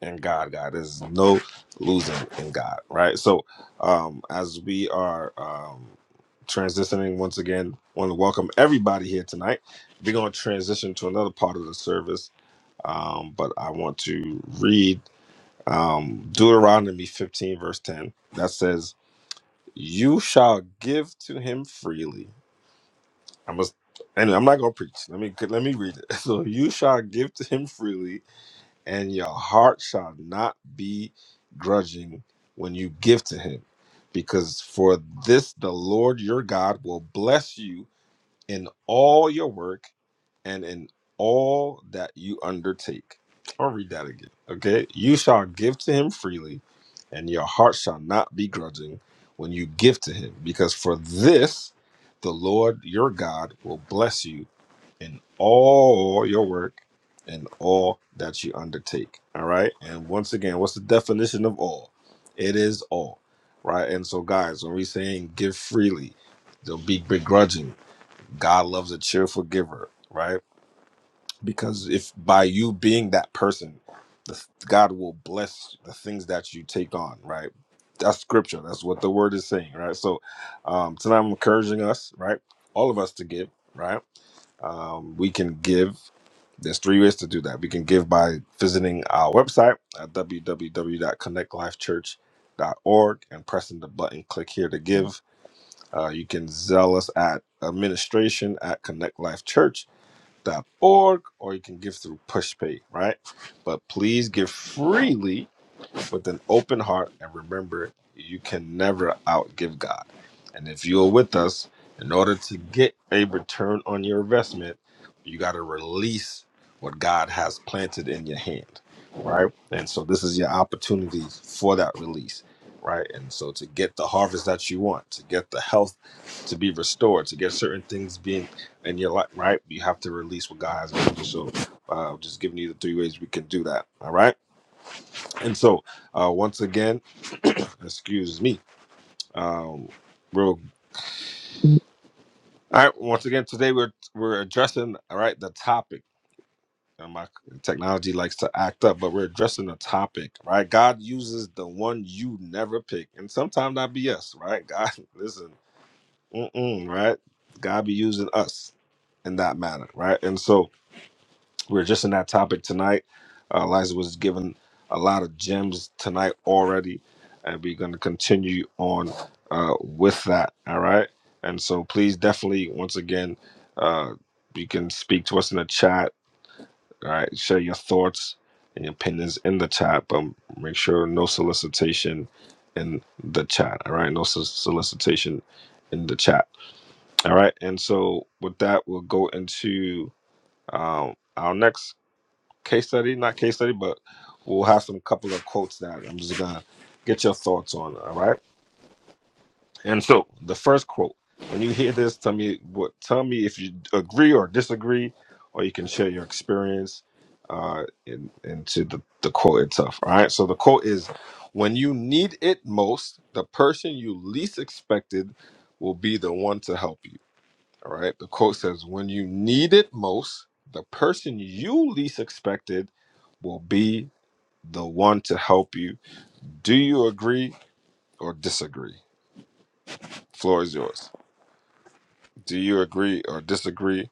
in God, God. There's no losing in God, right? So, um, as we are um, transitioning once again, want to welcome everybody here tonight. We're going to transition to another part of the service, um, but I want to read um, Deuteronomy 15, verse 10, that says, "You shall give to him freely." I must. Anyway, I'm not gonna preach. Let me let me read it. So you shall give to him freely, and your heart shall not be grudging when you give to him because for this the lord your god will bless you in all your work and in all that you undertake i'll read that again okay you shall give to him freely and your heart shall not be grudging when you give to him because for this the lord your god will bless you in all your work and all that you undertake. All right. And once again, what's the definition of all? It is all. Right. And so, guys, when we're saying give freely, don't be begrudging. God loves a cheerful giver. Right. Because if by you being that person, the, God will bless the things that you take on. Right. That's scripture. That's what the word is saying. Right. So, um, tonight I'm encouraging us, right? All of us to give. Right um, we can give there's three ways to do that. We can give by visiting our website at www.connectlifechurch.org and pressing the button click here to give. Uh, you can zell us at administration at connectlifechurch.org or you can give through PushPay, right? But please give freely with an open heart and remember you can never outgive God. And if you're with us, in order to get a return on your investment, you got to release what God has planted in your hand, right? And so this is your opportunity for that release, right? And so to get the harvest that you want, to get the health to be restored, to get certain things being in your life, right? You have to release what God has given you. So uh, just giving you the three ways we can do that, all right? And so, uh, once again, excuse me, um, we're all right. Once again, today we're we're addressing all right the topic. And my technology likes to act up, but we're addressing a topic, right? God uses the one you never pick, and sometimes that be us, right? God, listen, mm-mm, right? God be using us in that manner, right? And so. we were just in that topic tonight. Uh, Eliza was given a lot of gems tonight already, and we're going to continue on uh, with that. All right. And so, please definitely, once again, uh, you can speak to us in the chat. All right. Share your thoughts and your opinions in the chat, but make sure no solicitation in the chat. All right. No so- solicitation in the chat. All right. And so, with that, we'll go into um, our next case study, not case study, but we'll have some couple of quotes that I'm just gonna get your thoughts on. All right. And so the first quote, when you hear this, tell me what tell me if you agree or disagree, or you can share your experience uh in, into the, the quote itself. All right. So the quote is when you need it most, the person you least expected will be the one to help you. All right. The quote says, when you need it most, the person you least expected will be the one to help you. Do you agree or disagree? Floor is yours. Do you agree or disagree?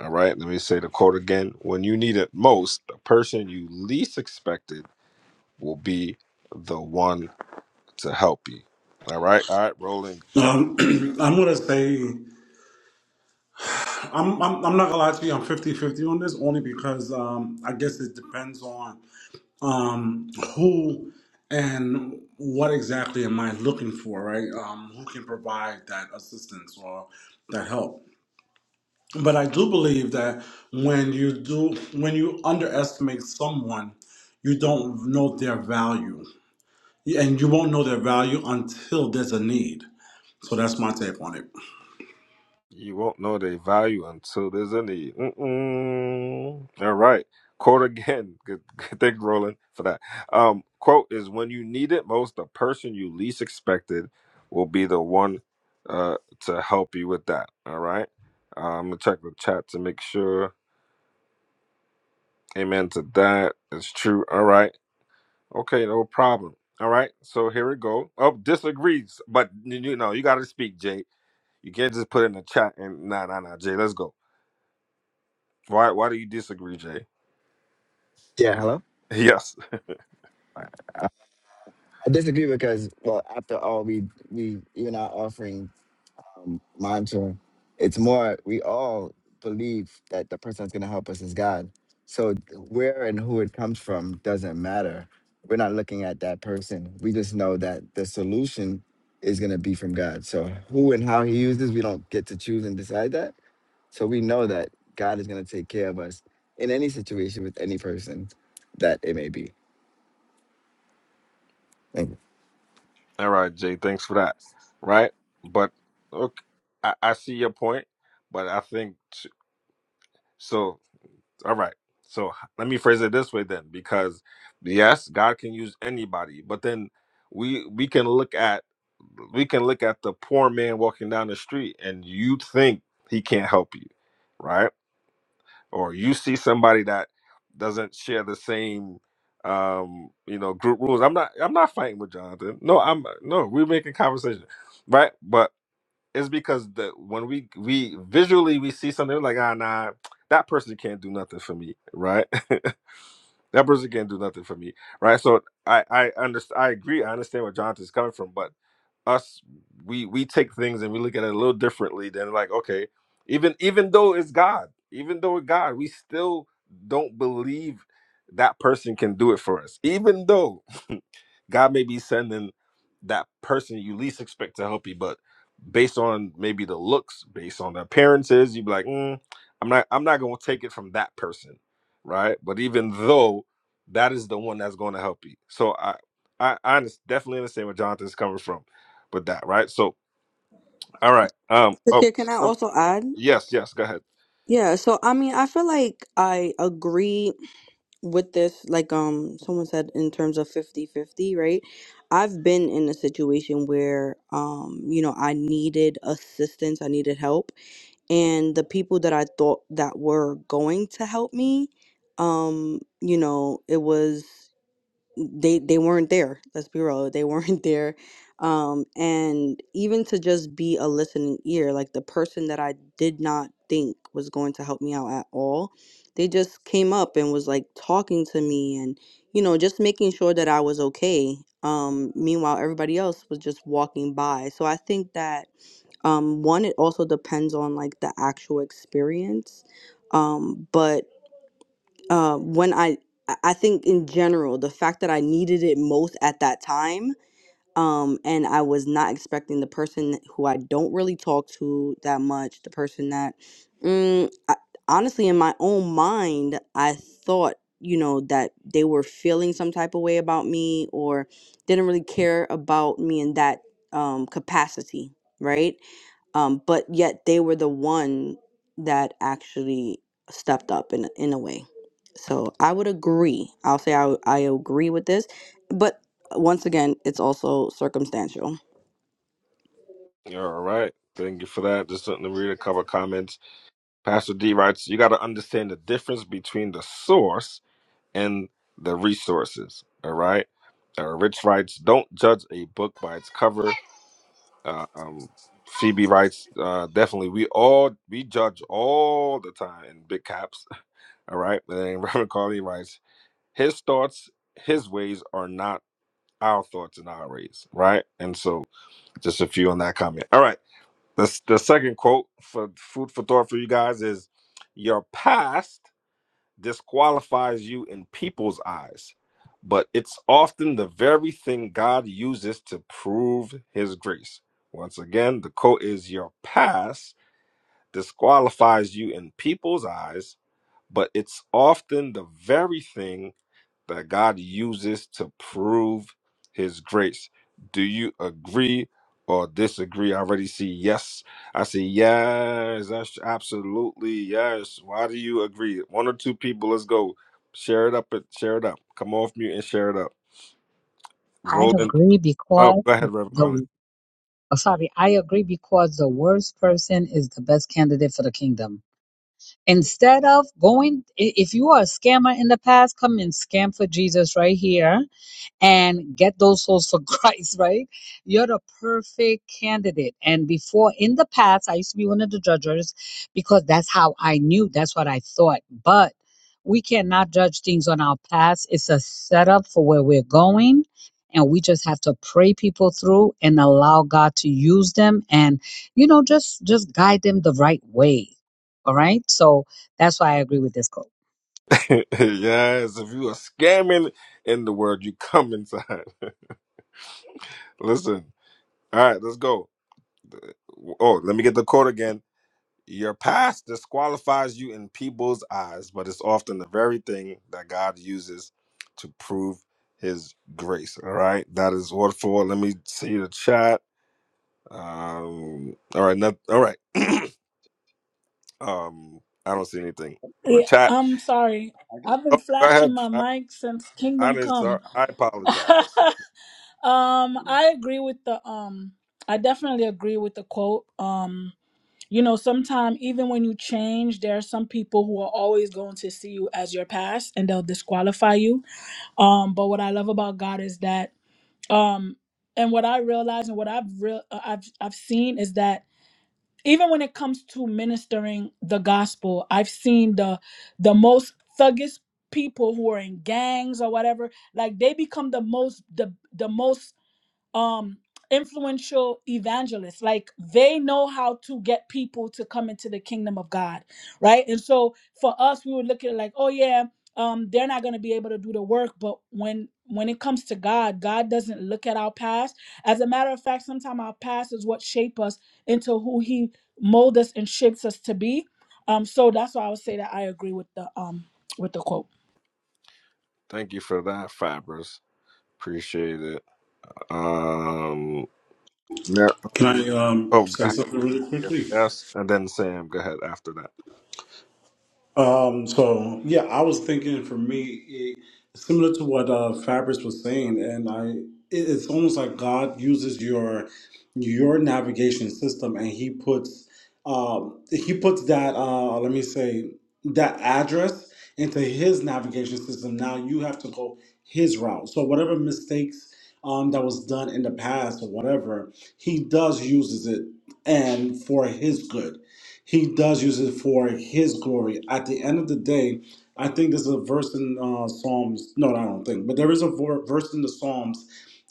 All right, let me say the quote again. When you need it most, the person you least expected will be the one to help you. All right, all right, rolling. Um, I'm gonna say I'm, I'm I'm not gonna lie to you. I'm fifty-fifty on this only because um, I guess it depends on um, who and what exactly am I looking for, right? Um, who can provide that assistance or that help? But I do believe that when you do when you underestimate someone, you don't know their value. Yeah, and you won't know their value until there's a need. So that's my take on it. You won't know their value until there's a need. Mm-mm. All right. Quote again. Good, good thing, Roland, for that. Um, quote is when you need it most, the person you least expected will be the one uh, to help you with that. All right. Uh, I'm going to check the chat to make sure. Amen to that. It's true. All right. Okay. No problem. All right. So here we go. Oh, disagrees. But, you you know, you got to speak, Jay. You can't just put it in the chat and nah, nah, nah, Jay, let's go. Why why do you disagree, Jay? Yeah, Hello? Yes. I disagree because well, after all, we we you're not offering monitoring. It's more we all believe that the person that's going to help us is God. So where and who it comes from doesn't matter. We're not looking at that person. We just know that the solution is going to be from God. So who and how He uses, we don't get to choose and decide that. So we know that God is going to take care of us in any situation with any person that it may be. Thank you. All right, Jay, thanks for that. Right? But okay, I, I see your point, but I think t- so all right. So h- let me phrase it this way then, because yes, God can use anybody, but then we we can look at we can look at the poor man walking down the street and you think he can't help you, right? or you see somebody that doesn't share the same um you know group rules i'm not i'm not fighting with jonathan no i'm no we're making conversation right but it's because the when we we visually we see something we're like ah nah that person can't do nothing for me right That person can't do nothing for me, right? So I I understand. I agree. I understand where Jonathan's coming from, but us we we take things and we look at it a little differently than like okay even even though it's god even though it's god we still don't believe that person can do it for us even though God may be sending that person you least expect to help you, but based on maybe the looks, based on the appearances, you'd be like, mm, I'm not I'm not gonna take it from that person. Right. But even though that is the one that's gonna help you. So I I, I under- definitely understand where Jonathan's coming from with that, right? So all right. Um oh Pakir, can I some also add? yes, yes, go ahead. Yeah, so I mean, I feel like I agree with this like um someone said in terms of fifty-fifty, right i've been in a situation where um you know i needed assistance i needed help and the people that i thought that were going to help me um you know it was they they weren't there let's be real they weren't there um and even to just be a listening ear like the person that i did not think was going to help me out at all they just came up and was like talking to me and you know just making sure that i was okay um meanwhile everybody else was just walking by so i think that um one it also depends on like the actual experience um but uh, when I I I think in general the fact that I needed it most at that time um and I was not expecting the person who I don't really talk to that much the person that mm, I, honestly in my own mind I thought you know that they were feeling some type of way about me or didn't really care about me in that um capacity right um, but yet they were the one that actually stepped up in in a way. So I would agree. I'll say I I agree with this, but uh, once again, it's also circumstantial. All right. Thank you for that. Just something to read a couple of comments. Pastor D writes, you gotta understand the difference between the source and the resources. All right. Uh, Rich writes, don't judge a book by its cover. Uh, um, Phoebe writes, uh, definitely. We all we judge all the time in big caps. All right. And then Reverend Carly writes, his thoughts, his ways are not our thoughts and our ways. Right. And so just a few on that comment. All right. The, the second quote for food for thought for you guys is your past disqualifies you in people's eyes, but it's often the very thing God uses to prove his grace. Once again, the quote is Your past disqualifies you in people's eyes, but it's often the very thing that God uses to prove his grace. Do you agree or disagree? I already see yes. I see yes. That's absolutely yes. Why do you agree? One or two people, let's go. Share it up and share it up. Come off mute and share it up. I Rolling. agree Oh, because go ahead, Reverend Collins. the oh, sorry, I agree because the worst person is the best candidate for the kingdom. Instead of going, i- if you are a scammer in the past, come and scam for Jesus right here and get those souls for Christ, right? You're the perfect candidate. And before in the past, I used to be one of the judges because that's how I knew, that's what I thought. But we cannot judge things on our past. It's a setup for where we're going. And we just have to pray people through and allow God to use them and, you know, just just guide them the right way. All right. So that's why I agree with this quote. yes, if you are scamming in the world, you come inside. Listen. All right, let's go. Uh, Oh, let me get the quote again. Your past disqualifies you in people's eyes, but it's often the very thing that God uses to prove his grace. All right. That is word for word. Let me see the chat. Um, all right. Not, all right. Um, I don't see anything on the Yeah, chat. I'm sorry. I just, I've been Oh, go flashing ahead. my I, mic since I Kingdom didn't, Come. sorry. I apologize. um, I agree with the um I definitely agree with the quote. Um, you know, sometimes even when you change, there are some people who are always going to see you as your past and they'll disqualify you. Um, but what I love about God is that um and what I realize and what I've real uh, I've I've seen is that even when it comes to ministering the gospel i've seen the the most thuggish people who are in gangs or whatever like they become the most the the most um influential evangelists like they know how to get people to come into the kingdom of god right and so for us we would look at it like oh yeah um they're not going to be able to do the work but when when it comes to god god doesn't look at our past as a matter of fact sometimes our past is what shape us into who he mold us and shapes us to be um so that's why i would say that i agree with the um with the quote Thank you for that, Fabris. Appreciate it. Um, Mar- Can I um, oh, go say ahead. something really Yes, quickly? yes. And then Sam, go ahead after that. Um, so yeah, I was thinking for me, it, similar to what uh, Fabrice was saying, and I, it, it's almost like God uses your your navigation system, and He puts um, He puts that uh, let me say that address into His navigation system. Now you have to go His route. So whatever mistakes um, that was done in the past or whatever, He does uses it and for His good he does use it for his glory. At the end of the day, I think there's a verse in uh, Psalms. No, I don't think, but there is a vor- verse in the Psalms,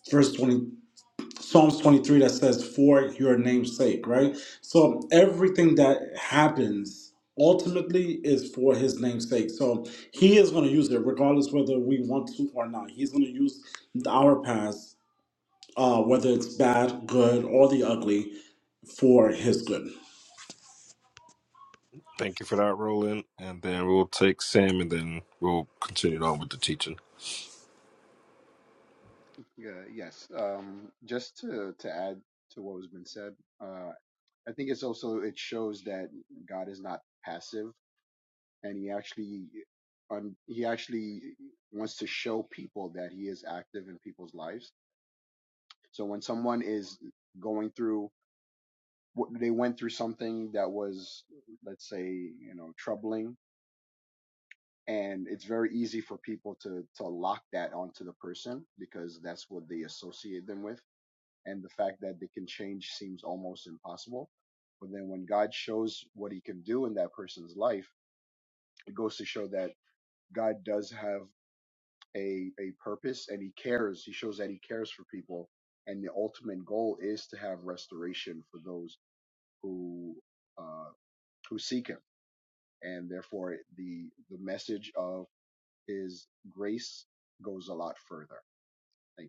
verse 20, Psalms 23 that says, "For your name's sake," right? So everything that happens ultimately is for his name's sake. So he is going to use it regardless whether we want to or not. He's going to use our past, uh, whether it's bad, good, or the ugly, for his good. Thank you for that, Roland. And then we'll take Sam and then we'll continue on with the teaching. yeah, yes. Um, just to to add to what has been said, uh, I think it's also it shows that God is not passive, and he actually, un, he actually wants to show people that he is active in people's lives. So when someone is going through, what they went through something that was, let's say, you know, troubling. And it's very easy for people to to lock that onto the person because that's what they associate them with and the fact that they can change seems almost impossible. But then when God shows what he can do in that person's life, it goes to show that God does have a, a purpose and he cares. He shows that he cares for people. And the ultimate goal is to have restoration for those who, uh, who seek him. And therefore the, the message of his grace goes a lot further. Thank you.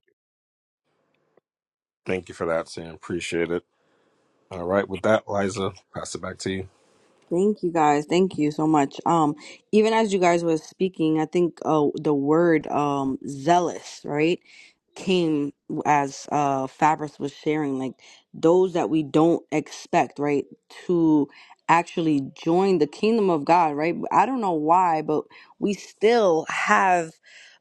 Thank you for that, Sam. Appreciate it. All right. With that, Liza, pass it back to you. Thank you guys. Thank you so much. Um, even as you guys were speaking, I think uh, the word um zealous, right, came as uh Fabrice was sharing, like those that we don't expect, right, to actually join the kingdom of God, right? I don't know why, but we still have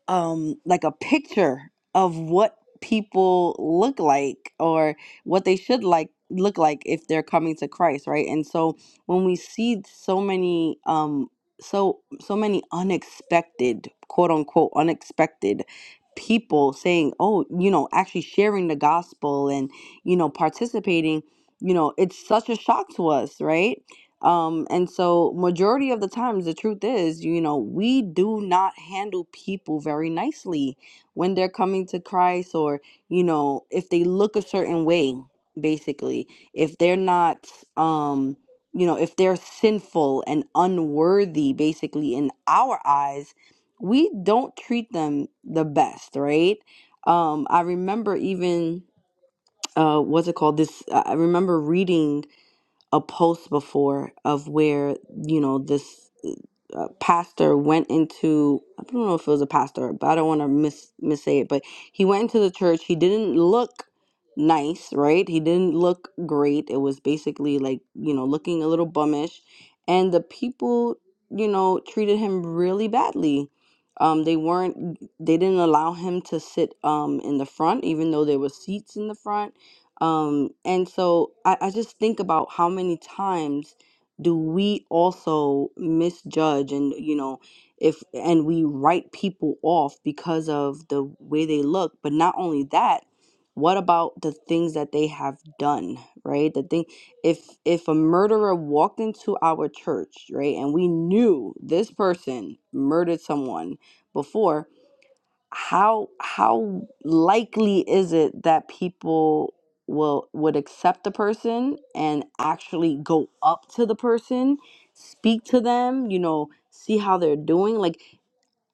um like a picture of what people look like or what they should like look like if they're coming to Christ, right? And so when we see so many um so so many unexpected quote unquote unexpected people saying oh you know actually sharing the gospel and you know participating you know it's such a shock to us right um and so majority of the times the truth is you know we do not handle people very nicely when they're coming to christ or you know if they look a certain way basically if they're not um you know, if they're sinful and unworthy, basically, in our eyes, we don't treat them the best, right? Um, I remember even, uh, what's it called? This, I I remember reading a post before of where you know this uh, uh, pastor went into I don't know if it was a pastor, but I don't want to mis mis say it. But he went into the church. He didn't look nice, right? He didn't look great. It was basically like you know looking a little bummish, and the people you know treated him really badly. Um, they weren't. They didn't allow him to sit um in the front, even though there were seats in the front um, and so I, I just think about how many times do we also misjudge and you know if and we write people off because of the way they look but not only that what about the things that they have done right the thing if if a murderer walked into our church right and we knew this person murdered someone before how how likely is it that people will would accept the person and actually go up to the person speak to them you know see how they're doing like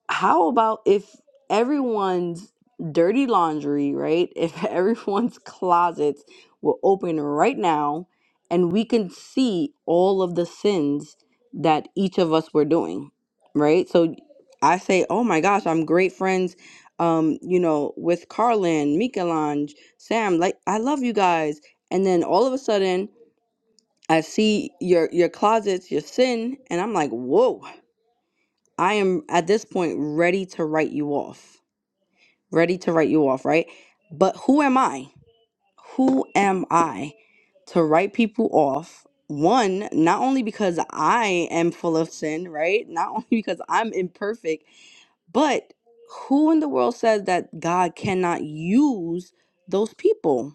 how about if everyone's dirty laundry, right? If everyone's closets were open right now and we can see all of the sins that each of us were doing, right? So I say, oh my gosh, I'm great friends, um, you know, with Carlin, Mikelange, Sam, like I love you guys. And then all of a sudden I see your your closets, your sin, and I'm like, whoa I am at this point ready to write you off. Ready to write you off, right? But who am I? Who am I to write people off? One, not only because I am full of sin, right? Not only because I'm imperfect, but who in the world says that God cannot use those people?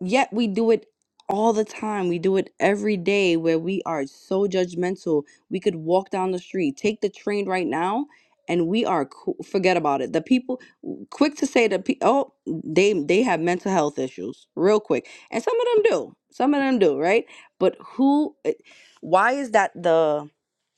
yet we do it all the time. We do it every day where we are so judgmental. We could walk down the street, take the train right now, and we are co- forget about it. The people quick to say that pe- oh they they have mental health issues real quick, and some of them do. Some of them do, right? But who? eh, Why is that the?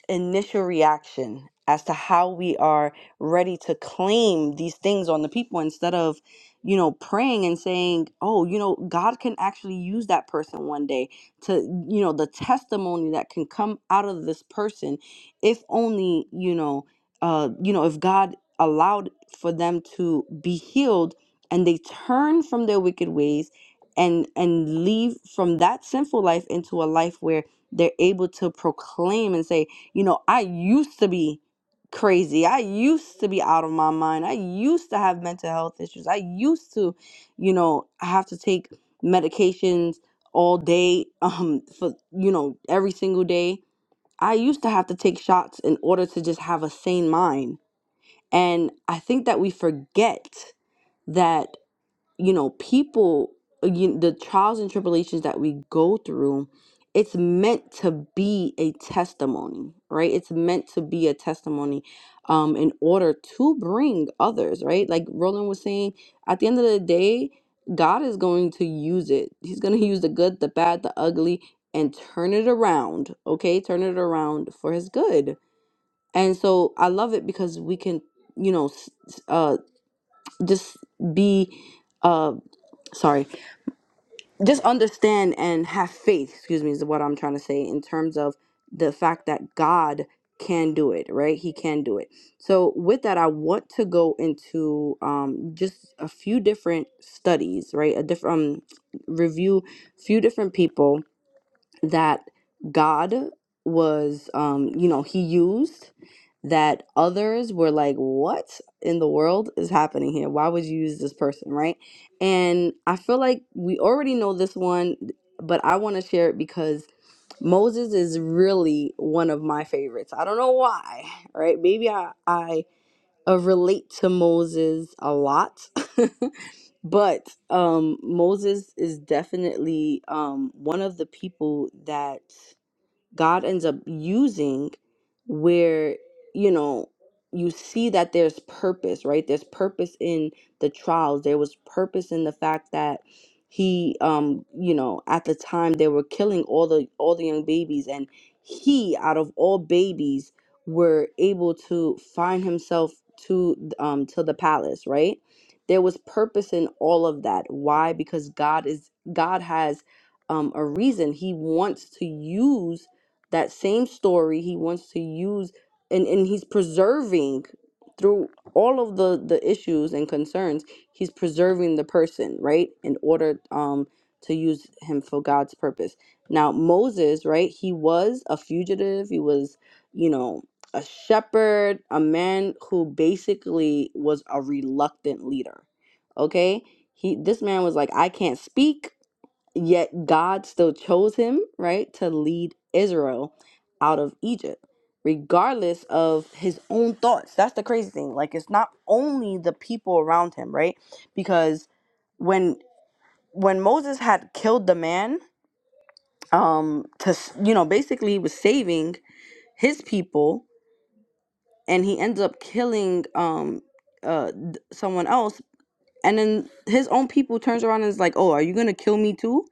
initial reaction as to how we are ready to claim these things on the people instead of you know praying and saying oh you know god can actually use that person one day to you know the testimony that can come out of this person if only you know uh you know if god allowed for them to be healed and they turn from their wicked ways and and leave from that sinful life into a life where they're able to proclaim and say you know, I used to be crazy. I used to be out of my mind. I used to have mental health issues. I used to, you know, have to take medications all day um for you know, every single day. I used to have to take shots in order to just have a sane mind. And I think that we forget that you know, people, uh, you, the trials and tribulations that we go through, it's meant to be a testimony, right? It's meant to be a testimony um, in order to bring others, right? Like Roland was saying, at the end of the day, God is going to use it. He's going to use the good, the bad, the ugly, and turn it around, okay? Turn it around for his good. And so I love it because we can, you know, s- s- uh, just be, uh, sorry, just understand and have faith, excuse me, is what I'm trying to say in terms of the fact that God can do it, right? He can do it. So, with that, I want to go into um, just a few different studies, right? A different um, review, few different people that God was, um, you know, he used that others were like, what in the world is happening here? Why would you use this person, right? And I feel like we already know this one, but I want to share it because Moses is really one of my favorites. I don't know why, right? Maybe I, I uh, relate to Moses a lot. but um, Moses is definitely um, one of the people that God ends up using where, you know, you see that there's purpose, right? There's purpose in the trials. There was purpose in the fact that he um, you know, at the time they were killing all the all the young babies and he out of all babies were able to find himself to um to the palace, right? There was purpose in all of that. Why? Because God is God has um, a reason. He wants to use that same story he wants to use and and he's preserving through all of the the issues and concerns he's preserving the person right in order um to use him for god's purpose now moses right he was a fugitive he was you know a shepherd a man who basically was a reluctant leader okay he this man was like i can't speak Yet God still chose him, right, to lead Israel out of Egypt, regardless of his own thoughts. That's the crazy thing. Like it's not only the people around him, right? Because when when Moses had killed the man, um, to s- you know, basically he was saving his people, and he ends up killing um uh d- someone else, and then his own people turns around and is like, "Oh, are you gonna kill me too?"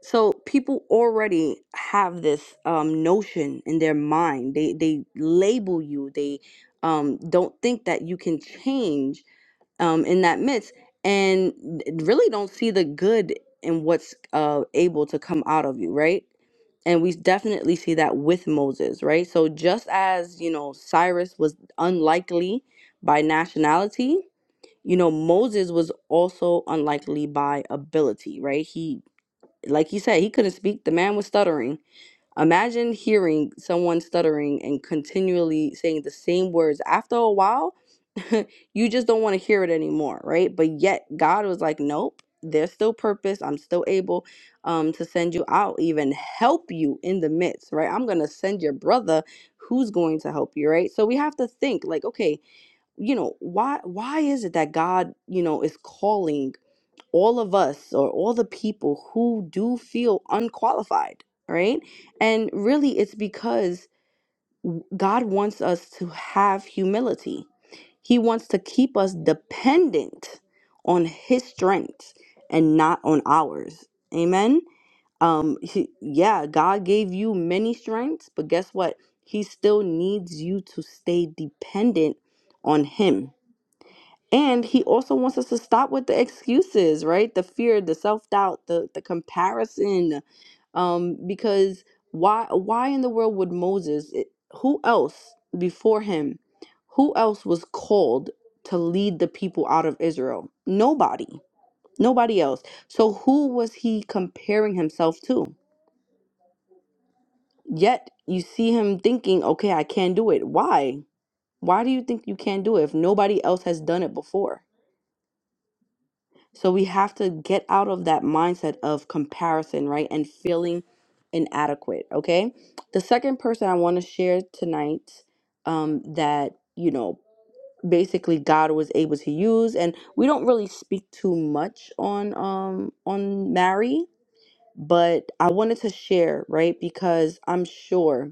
So people already have this um, notion in their mind. They they label you. They um, don't think that you can change um, in that midst, and really don't see the good in what's uh, able to come out of you, right? and we definitely see that with Moses, right? So just as, you know, Cyrus was unlikely by nationality, you know, Moses was also unlikely by ability, right? He like you said, he couldn't speak. The man was stuttering. Imagine hearing someone stuttering and continually saying the same words. After a while, you just don't want to hear it anymore, right? But yet, God was like, nope, there's still purpose. I'm still able um, to send you out, even help you in the midst, right? I'm going to send your brother who's going to help you right so we have to think like okay you know why why is it that god you know is calling all of us or all the people who do feel unqualified, right? And really, it's because God wants us to have humility. He wants to keep us dependent on His strength and not on ours. Amen. Um, he- yeah, God gave you many strengths, but guess what? He still needs you to stay dependent on Him and he also wants us to stop with the excuses, right? The fear, the self-doubt, the the comparison. Um, because why why in the world would Moses, it- who else before him, who else was called to lead the people out of Israel? Nobody. Nobody else. So who was he comparing himself to? Yet you see him thinking, okay, I can't do it. Why? Why do you think you can't do it if nobody else has done it before? So we have to get out of that mindset of comparison, right? And feeling inadequate, okay? The second person I want to share tonight um, that, you know, basically God was able to use and we don't really speak too much on um on Mary, but I wanted to share, right? Because I'm sure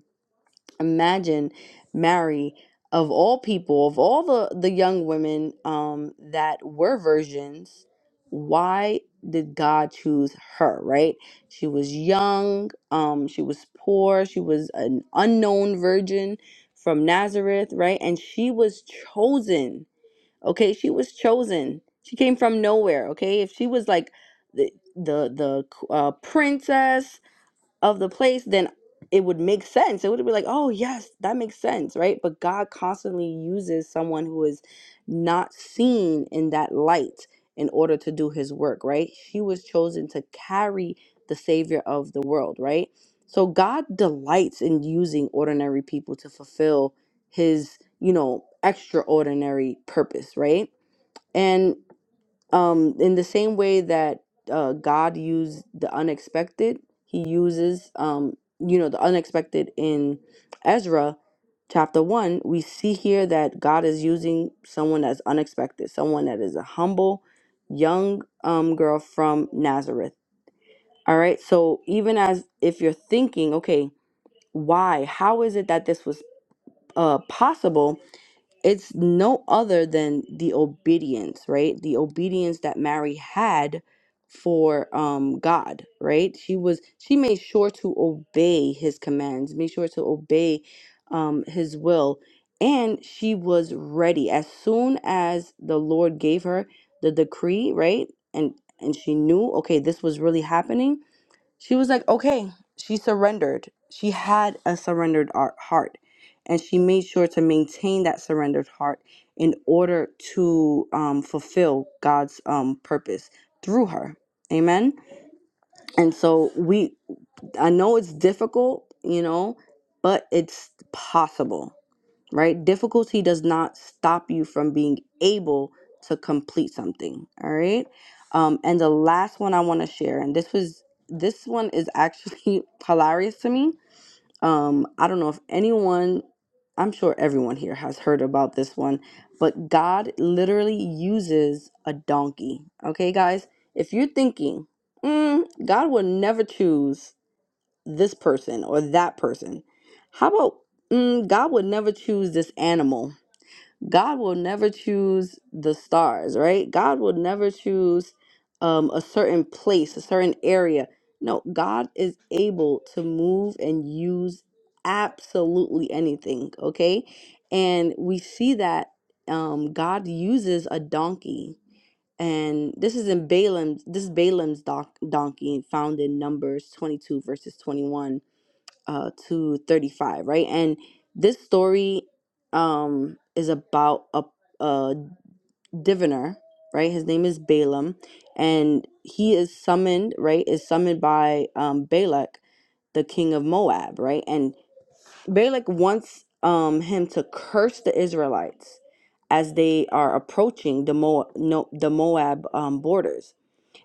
imagine Mary of all people, of all the the young women um that were virgins, why did God choose her, right? She was young, um she was poor, she was an unknown virgin from Nazareth, right? And she was chosen. Okay, she was chosen. She came from nowhere, okay? If she was like the the the uh, princess of the place, then it would make sense. It would be like, oh, yes, that makes sense, right? But God constantly uses someone who is not seen in that light in order to do his work, right? She was chosen to carry the Savior of the world, right? So God delights in using ordinary people to fulfill his, you know, extraordinary purpose, right? And um in the same way that uh god used the unexpected he uses um you know the unexpected in ezra chapter 1 we see here that god is using someone that's unexpected someone that is a humble young um girl from nazareth all right so even as if you're thinking okay why how is it that this was uh possible it's no other than the obedience, right? The obedience that Mary had for um God, right? She was she made sure to obey his commands, made sure to obey um his will, and she was ready as soon as the Lord gave her the decree, right? And and she knew, okay, this was really happening she was like, okay. She surrendered. She had a surrendered ar- heart. And she made sure to maintain that surrendered heart in order to um, fulfill God's um, purpose through her. Amen. And so we, I know it's difficult, you know, but it's possible right? Difficulty does not stop you from being able to complete something, all right? Um, and the last one I want to share, and this was this one is actually hilarious to me. Um, I don't know if anyone, I'm sure everyone here has heard about this one, but God literally uses a donkey. Okay, guys, if you're thinking, mm, God would never choose this person or that person. How about mm, God would never choose this animal? God will never choose the stars, right? God will never choose um, a certain place, a certain area. No, God is able to move and use absolutely anything, okay? And we see that um, God uses a donkey. And this is in Balaam's, this is Balaam's doc, donkey found in Numbers 22, verses 21 uh, to 35 right and this story um, is about a, a diviner right his name is balaam and he is summoned right is summoned by um, balak the king of moab right and balak wants um, him to curse the israelites as they are approaching the Moab, no, the Moab um, borders.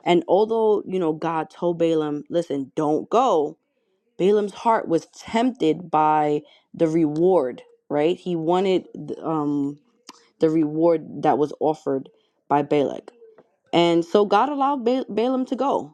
And although, you know, God told Balaam, listen, don't go, Balaam's heart was tempted by the reward, right? He wanted um, the reward that was offered by Balak. And so God allowed ba- Balaam to go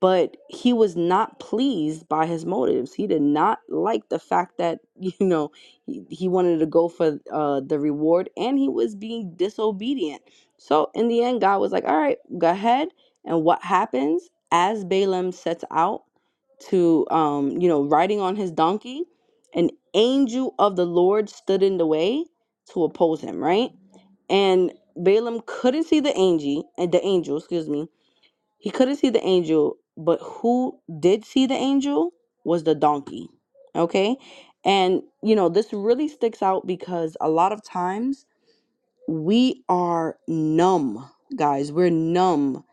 but he was not pleased by his motives. He did not like the fact that you know he, he wanted to go for uh, the reward, and he was being disobedient. So in the end, God was like, "All right, go ahead." And what happens as Balaam sets out to um, you know riding on his donkey, an angel of the Lord stood in the way to oppose him. Right, and Balaam couldn't see the angel, and the angel, excuse me he couldn't see the angel, but who did see the angel was the donkey. Okay? And, you know, this really sticks out because a lot of times we are numb, guys. We're numb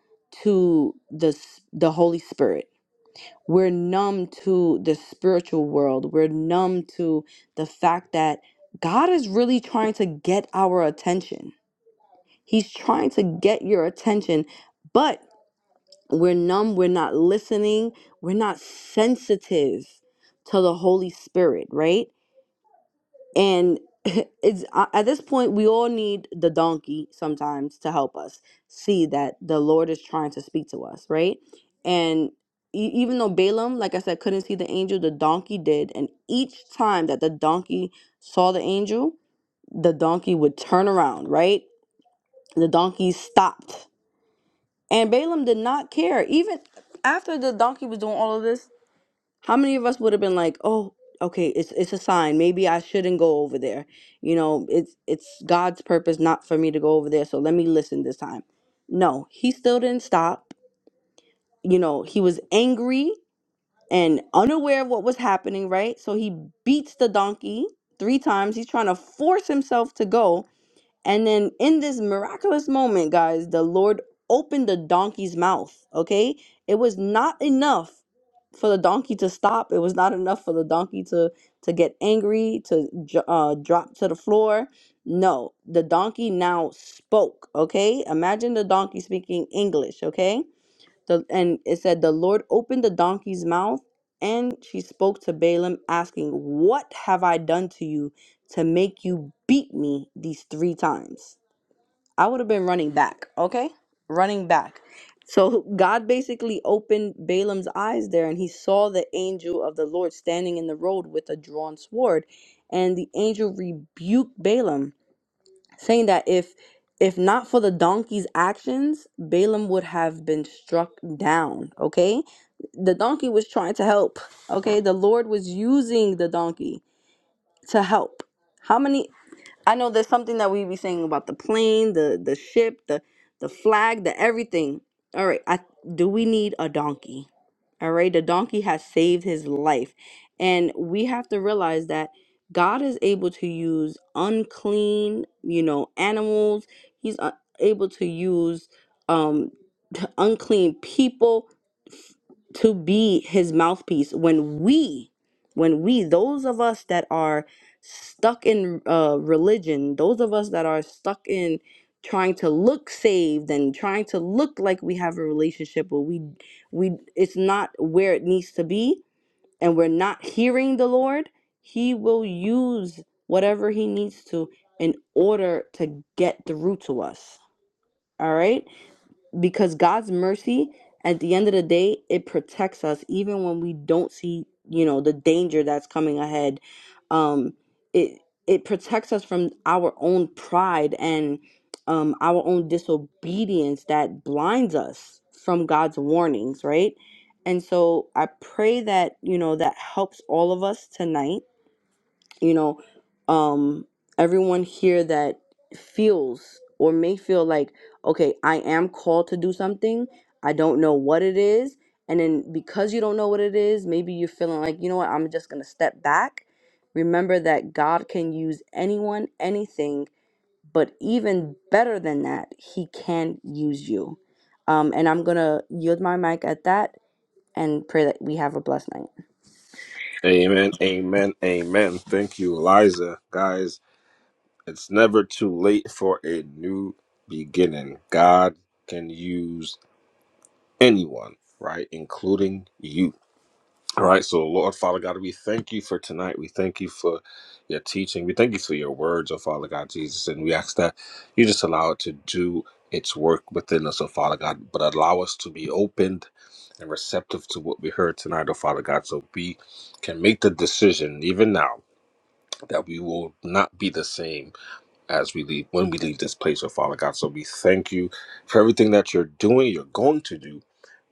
to the s- the Holy Spirit. We're numb to the spiritual world. We're numb to the fact that God is really trying to get our attention. He's trying to get your attention, but we're numb, we're not listening, we're not sensitive to the Holy Spirit, right? And it's uh, at this point we all need the donkey sometimes to help us see that the Lord is trying to speak to us, right? And e- even though Balaam, like I said, couldn't see the angel, the donkey did, and each time that the donkey saw the angel, the donkey would turn around, right? The donkey stopped and Balaam did not care. Even after the donkey was doing all of this, how many of us would have been like, "Oh, okay, it's it's a sign. Maybe I shouldn't go over there. You know, it's it's God's purpose not for me to go over there, so let me listen this time." No, he still didn't stop. You know, he was angry and unaware of what was happening, right? So he beats the donkey 3 times. He's trying to force himself to go and then in this miraculous moment, guys, the Lord opened the donkey's mouth. Okay. It was not enough for the donkey to stop. It was not enough for the donkey to to get angry, to dr- uh, drop to the floor. No, the donkey now spoke. Okay, imagine the donkey speaking English. Okay, the, and it said, The Lord opened the donkey's mouth, and she spoke to Balaam, asking, What have I done to you to make you beat me these three times? I would have been running back, okay? Running back. So God basically opened Balaam's eyes there, and he saw the angel of the Lord standing in the road with a drawn sword. And the angel rebuked Balaam saying that if if not for the donkey's actions, Balaam would have been struck down. Okay, the donkey was trying to help. Okay, the Lord was using the donkey to help. How many? I know there's something that we be saying about the plane, the the ship, the the flag, the everything. All right, I do we need a donkey? All right, the donkey has saved his life. And we have to realize that God is able to use unclean, you know, animals. He's uh, able to use um t- unclean people to be his mouthpiece when we when we those of us that are stuck in uh, religion, those of us that are stuck in trying to look saved and trying to look like we have a relationship, but we we it's not where it needs to be, and we're not hearing the Lord, He will use whatever He needs to in order to get through to us. All right because God's mercy at the end of the day it protects us even when we don't see you know the danger that's coming ahead um it it protects us from our own pride and um our own disobedience that blinds us from God's warnings right and so I pray that you know that helps all of us tonight you know um everyone here that feels or may feel like okay i am called to do something i don't know what it is and then because you don't know what it is maybe you're feeling like you know what i'm just gonna step back remember that god can use anyone anything but even better than that he can use you um, and i'm gonna yield my mic at that and pray that we have a blessed night Amen, amen, amen. Thank you, Liza, Guys, it's never too late for a new beginning. God can use anyone, right? Including you. All right, so Lord Father God, we thank you for tonight. We thank you for your teaching. We thank you for your words, oh Father God Jesus. And we ask that you just allow it to do its work within us, oh Father God, but allow us to be opened and receptive to what we heard tonight, oh Father God, so we can make the decision even now that we will not be the same as we leave when we leave this place, oh Father God. So we thank you for everything that you're doing, you're going to do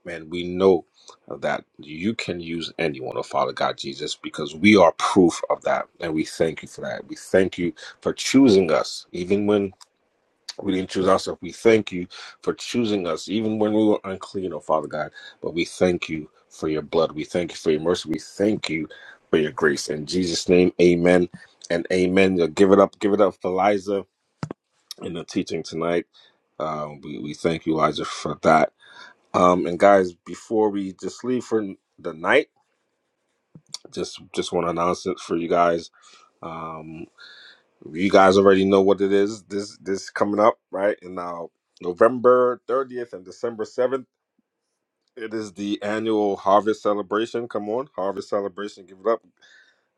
man, we know that you can use anyone, oh Father God Jesus, because we are proof of that. And we thank you for that. We thank you for choosing us, even when we didn't choose ourselves. We thank you for choosing us, even when we were unclean, oh Father God. But we thank you for your blood. We thank you for your mercy. We thank you for your grace. In Jesus' name, amen and amen. Give it up. Give it up for Liza in the teaching tonight. Um, we, we thank you, Elijah, for that. Um, and guys, before we just leave for the night, just just want to announce it for you guys. Um, you guys already know what it is. This this coming up right and now, November thirtieth and December seventh. It is the annual harvest celebration. Come on, harvest celebration. Give it up.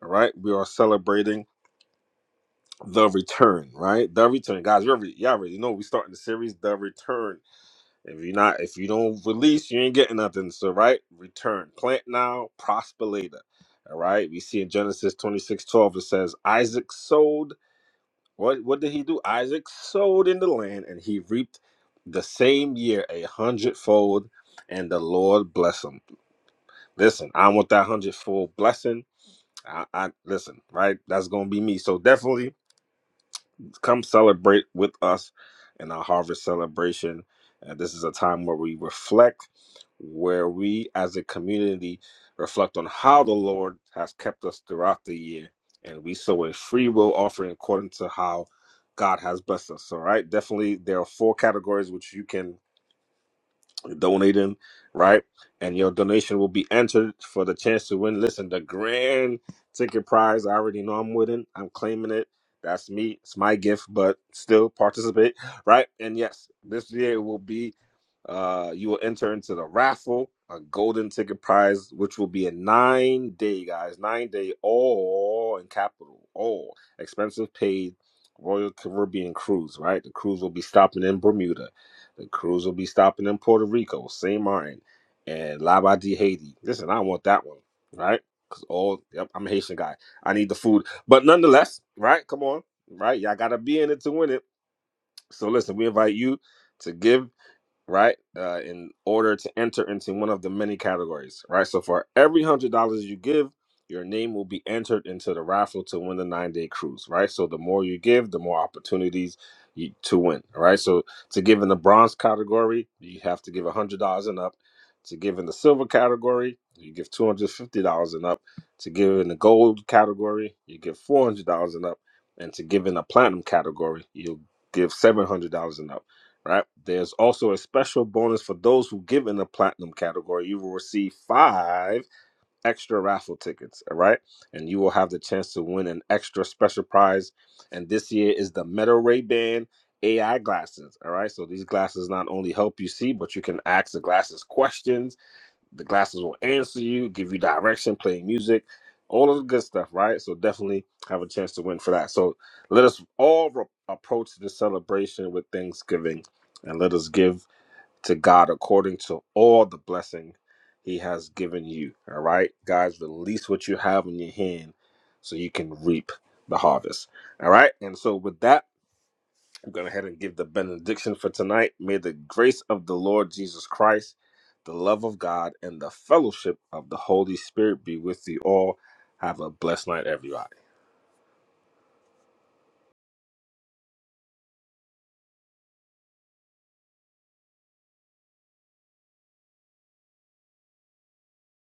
All right, we are celebrating the return. Right, the return, guys. You already, you already know we starting the series, the return If you not, if you don't release, you ain't getting nothing. So right, return. Plant now, prosper later. All right. We see in Genesis twenty six twelve it says Isaac sowed. What what did he do? Isaac sowed in the land and he reaped the same year a hundredfold, and the Lord bless him. Listen, I want that hundredfold blessing. I, I listen, right? That's gonna be me. So definitely come celebrate with us in our harvest celebration. And this is a time where we reflect where we as a community reflect on how the Lord has kept us throughout the year. And we sow a free will offering according to how God has blessed us. All right. Definitely, there are four categories which you can donating, right? And your donation will be entered for the chance to win. Listen, the grand ticket prize. I already know I'm winning. I'm claiming it. That's me. It's my gift, but still participate, right? And yes, this year it will be. Uh, you will enter into the raffle, a golden ticket prize, which will be a nine day, guys, nine day, all in capital, all expensive paid Royal Caribbean cruise, right? The cruise will be stopping in Bermuda the cruise will be stopping in Puerto Rico, St. Martin, and Laba de Haiti. Listen, I want that one, right? Because all, yep, I'm a Haitian guy. I need the food. But nonetheless, right? Come on, right? Y'all got to be in it to win it. So listen, we invite you to give right? Uh, in order to enter into one of the many categories, right? So for every hundred dollars you give, your name will be entered into the raffle to win the nine day cruise, right? So the more you give, the more opportunities you, to win, all right? So to give in the bronze category, you have to give hundred dollars and up. To give in the silver category, you give two hundred fifty dollars and up. To give in the gold category, you give four hundred dollars and up. And to give in the platinum category, you'll give seven hundred dollars and up right? There's also a special bonus for those who give in the platinum category. You will receive five extra raffle tickets, all right? And you will have the chance to win an extra special prize. And this year is the Metal Ray Ban AI glasses, all right? So these glasses not only help you see, but you can ask the glasses questions the glasses will answer you, give you direction, play music, all of the good stuff, right? So definitely have a chance to win for that. So let us all re- approach the celebration with thanksgiving and let us give to God according to all the blessing he has given you. All right, guys, release what you have in your hand so you can reap the harvest. All right. And so with that, I'm going to ahead and give the benediction for tonight. May the grace of the Lord Jesus Christ, the love of God, and the fellowship of the Holy Spirit be with you all. Have a blessed night, everyone.